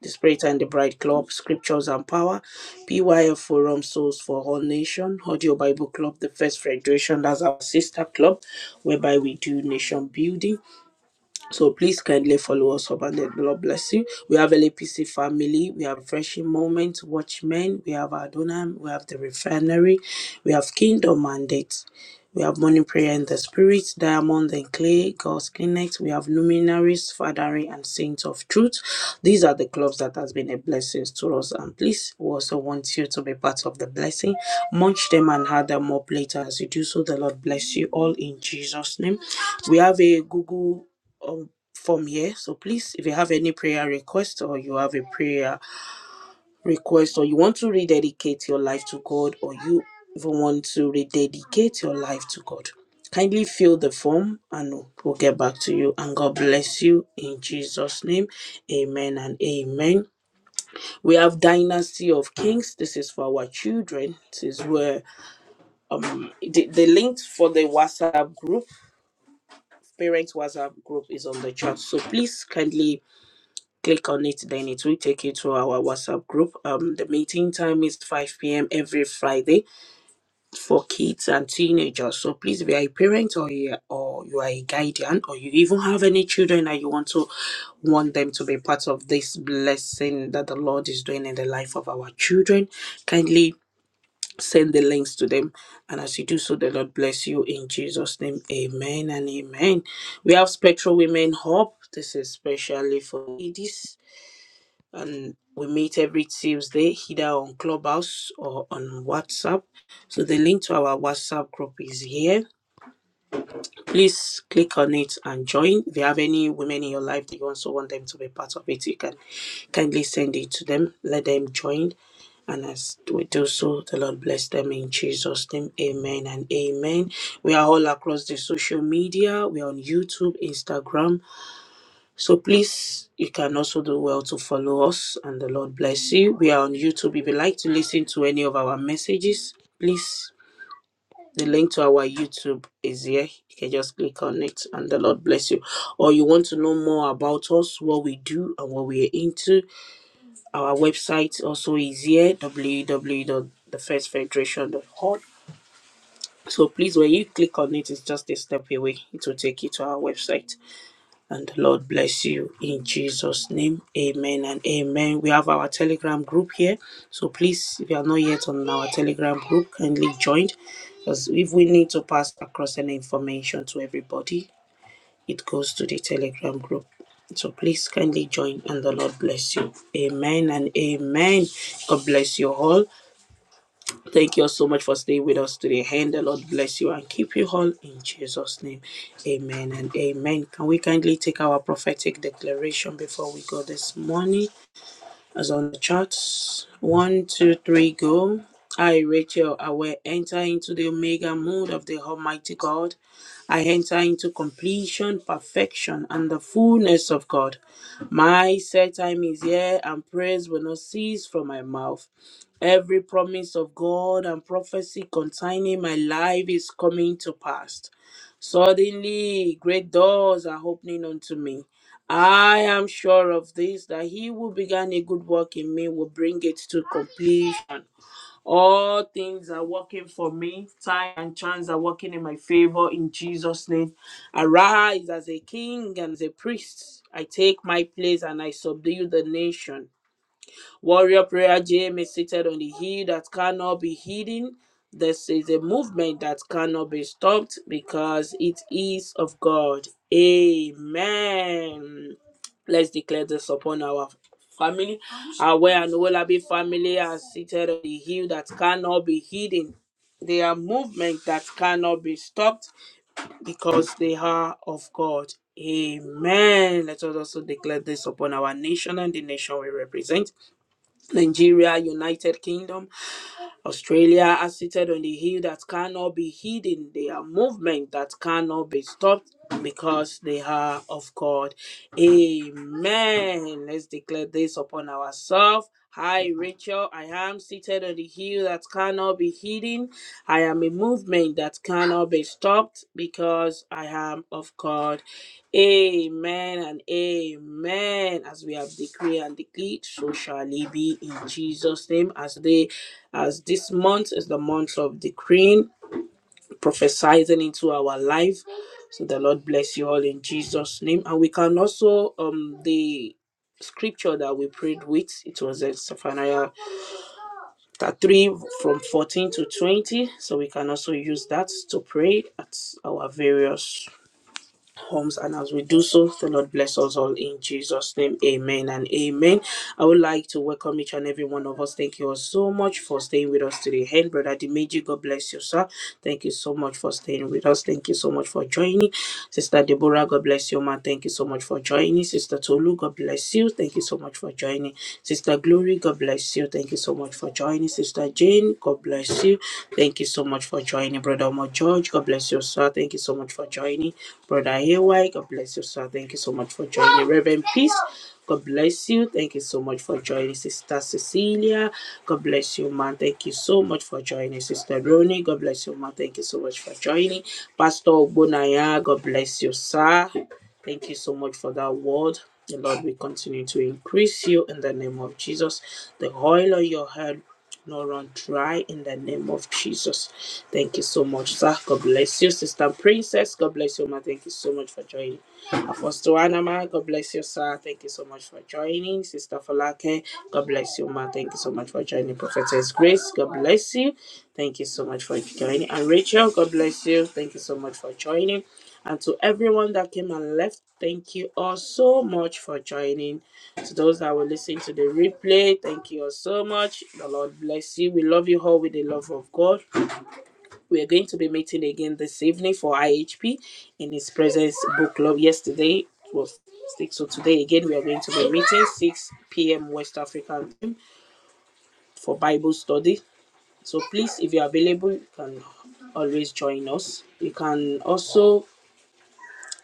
the Spirit and the Bride Club, Scriptures and Power, PYF Forum Souls for All Nation, Audio Bible Club, the First Federation, that's our sister club, whereby we do nation building. So please kindly follow us up and the Lord bless you. We have LAPC family, we have Refreshing Moment, Watchmen, we have Adonam, we have the Refinery, we have Kingdom Mandate, we have Morning Prayer in the Spirit, Diamond and Clay, God's Connect, we have Luminaries, Fathering and Saints of Truth. These are the clubs that has been a blessing to us and please we also want you to be part of the blessing. Munch them and have them up later as you do so. The Lord bless you all in Jesus' name. We have a Google um from here. So please, if you have any prayer request or you have a prayer request or you want to rededicate your life to God or you even want to rededicate your life to God, kindly fill the form and we'll get back to you. And God bless you in Jesus' name. Amen and amen. We have Dynasty of Kings. This is for our children. This is where um the, the link for the WhatsApp group parents WhatsApp group is on the chat. So please kindly click on it then it will take you to our whatsapp group um the meeting time is 5 p.m every friday for kids and teenagers so please if you are a parent or you, or you are a guardian or you even have any children that you want to want them to be part of this blessing that the lord is doing in the life of our children kindly send the links to them and as you do so the lord bless you in jesus name amen and amen we have spectral women hub this is specially for ladies and we meet every Tuesday either on Clubhouse or on WhatsApp. So the link to our WhatsApp group is here. Please click on it and join. If you have any women in your life that you also want them to be part of it, you can kindly send it to them. Let them join. And as we do so, the Lord bless them in Jesus' name. Amen and amen. We are all across the social media. We are on YouTube, Instagram. So please, you can also do well to follow us and the Lord bless you. We are on YouTube. If you like to listen to any of our messages, please, the link to our YouTube is here. You can just click on it and the Lord bless you. Or you want to know more about us, what we do and what we are into, our website also is here w w w dot. www.thefirstfederation.org. So please, when you click on it, it's just a step away. It will take you to our website. And the Lord bless you in Jesus' name. Amen and amen. We have our Telegram group here. So please, if you are not yet on our Telegram group, kindly join. Because if we need to pass across any information to everybody, it goes to the Telegram group. So please kindly join and the Lord bless you. Amen and amen. God bless you all. Thank you all so much for staying with us today. And the Lord bless you and keep you all in Jesus' name. Amen and amen. Can we kindly take our prophetic declaration before we go this morning? as on the charts. One, two, three, go. I, Rachel, I will enter into the omega mode of the Almighty God. I enter into completion, perfection, and the fullness of God. My set time is here, and praise will not cease from my mouth. Every promise of God and prophecy concerning my life is coming to pass. Suddenly, great doors are opening unto me. I am sure of this that he who began a good work in me will bring it to completion. All things are working for me. Time and chance are working in my favor in Jesus' name. Arise as a king and as a priest. I take my place and I subdue the nation. Warrior Prayer Gym is seated on the hill that cannot be hidden. This is a movement that cannot be stopped because it is of God. Amen. Let's declare this upon our family. Our and Olabi family are seated on the hill that cannot be hidden. They are movement that cannot be stopped because they are of God. Amen. Let us also declare this upon our nation and the nation we represent. Nigeria, United Kingdom, Australia are seated on the hill that cannot be hidden. They are movement that cannot be stopped because they are of God. Amen. Let's declare this upon ourselves. Hi, Rachel. I am seated on the hill that cannot be hidden. I am a movement that cannot be stopped because I am of God. Amen and amen. As we have decreed and decreed, so shall it be in Jesus' name. As they, as this month is the month of decreeing, prophesying into our life. So the Lord bless you all in Jesus' name. And we can also um the scripture that we prayed with. It was in Zephaniah that 3 from 14 to 20 so we can also use that to pray at our various homes and as we do so the lord bless us all in jesus name amen and amen i would like to welcome each and every one of us thank you all so much for staying with us today and brother dimeji god bless you sir thank you so much for staying with us thank you so much for joining sister deborah god bless you ma thank you so much much for joining. Sister Tolu, God bless you. Thank you so much for joining. Sister Glory, God bless you. Thank you so much for joining. Sister Jane, God bless you. Thank you so much for joining. Brother Omar George, God bless you, sir. Thank you so much for joining. Brother AY, God bless you, sir. Thank you so much for joining. Reverend Peace, God bless you. Thank you so much for joining. Sister Cecilia, God bless you, man. Thank you so much for joining. Sister Ronnie, God bless you, man. Thank you so much for joining. Pastor Ogbonaya, God bless you, sir. Thank you so much for that word. The Lord will continue to increase you in the name of Jesus. The oil on your head no run dry in the name of Jesus. Thank you so much, sir. God bless you, sister princess. God bless you, ma. Thank you so much for joining. Apostle Anama, God bless you, sir. Thank you so much for joining. Sister Falake, God bless you, ma. Thank you so much for joining. Prophetess Grace, God bless you. Thank you so much for joining. And Rachel, God bless you. Thank you so much for joining. And to everyone that came and left, thank you all so much for joining. To those that will listen to the replay, thank you all so much. The Lord bless you. We love you all with the love of God. We are going to be meeting again this evening for IHP in his presence book club. Yesterday was six, so today again we are going to be meeting 6 p.m. West African time for Bible study. So please, if you're available, you can always join us. You can also,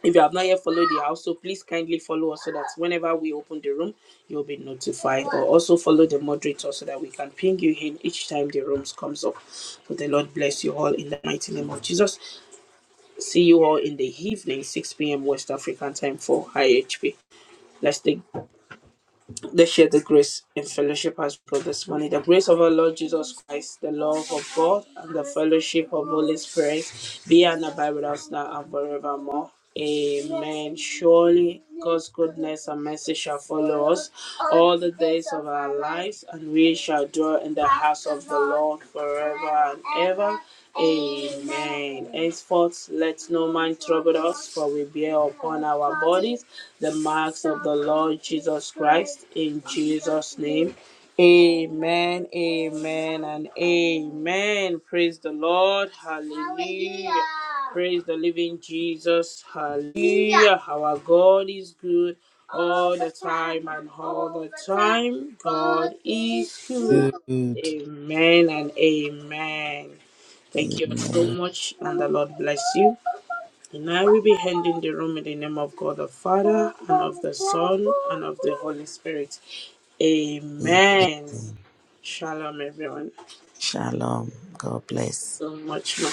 if you have not yet followed the house, so please kindly follow us so that whenever we open the room, you'll be notified. Or also follow the moderator so that we can ping you in each time the rooms comes up. So the Lord bless you all in the mighty name of Jesus. See you all in the evening, 6 p.m. West African time for IHP. Let's take, let's share the grace and fellowship as brothers. One the grace of our Lord Jesus Christ, the love of God, and the fellowship of Holy Spirit be and abide with us now and forevermore. Amen. Surely God's goodness and mercy shall follow us all the days of our lives, and we shall dwell in the house of the Lord forever and ever. Amen. Henceforth, let no man trouble us, for we bear upon our bodies the marks of the Lord Jesus Christ. In Jesus' name, Amen, amen, and amen. Praise the Lord. Hallelujah. Praise the living Jesus. Hallelujah. Our God is good all the time and all the time. God is good.
Good.
Amen and amen. Thank you so
Amen.
much, and the Lord bless you. And I will be handing the room in the name of God the Father, and of the Son, and of the Holy Spirit. Amen.
Amen.
Shalom, everyone.
Shalom. God bless.
So much, man.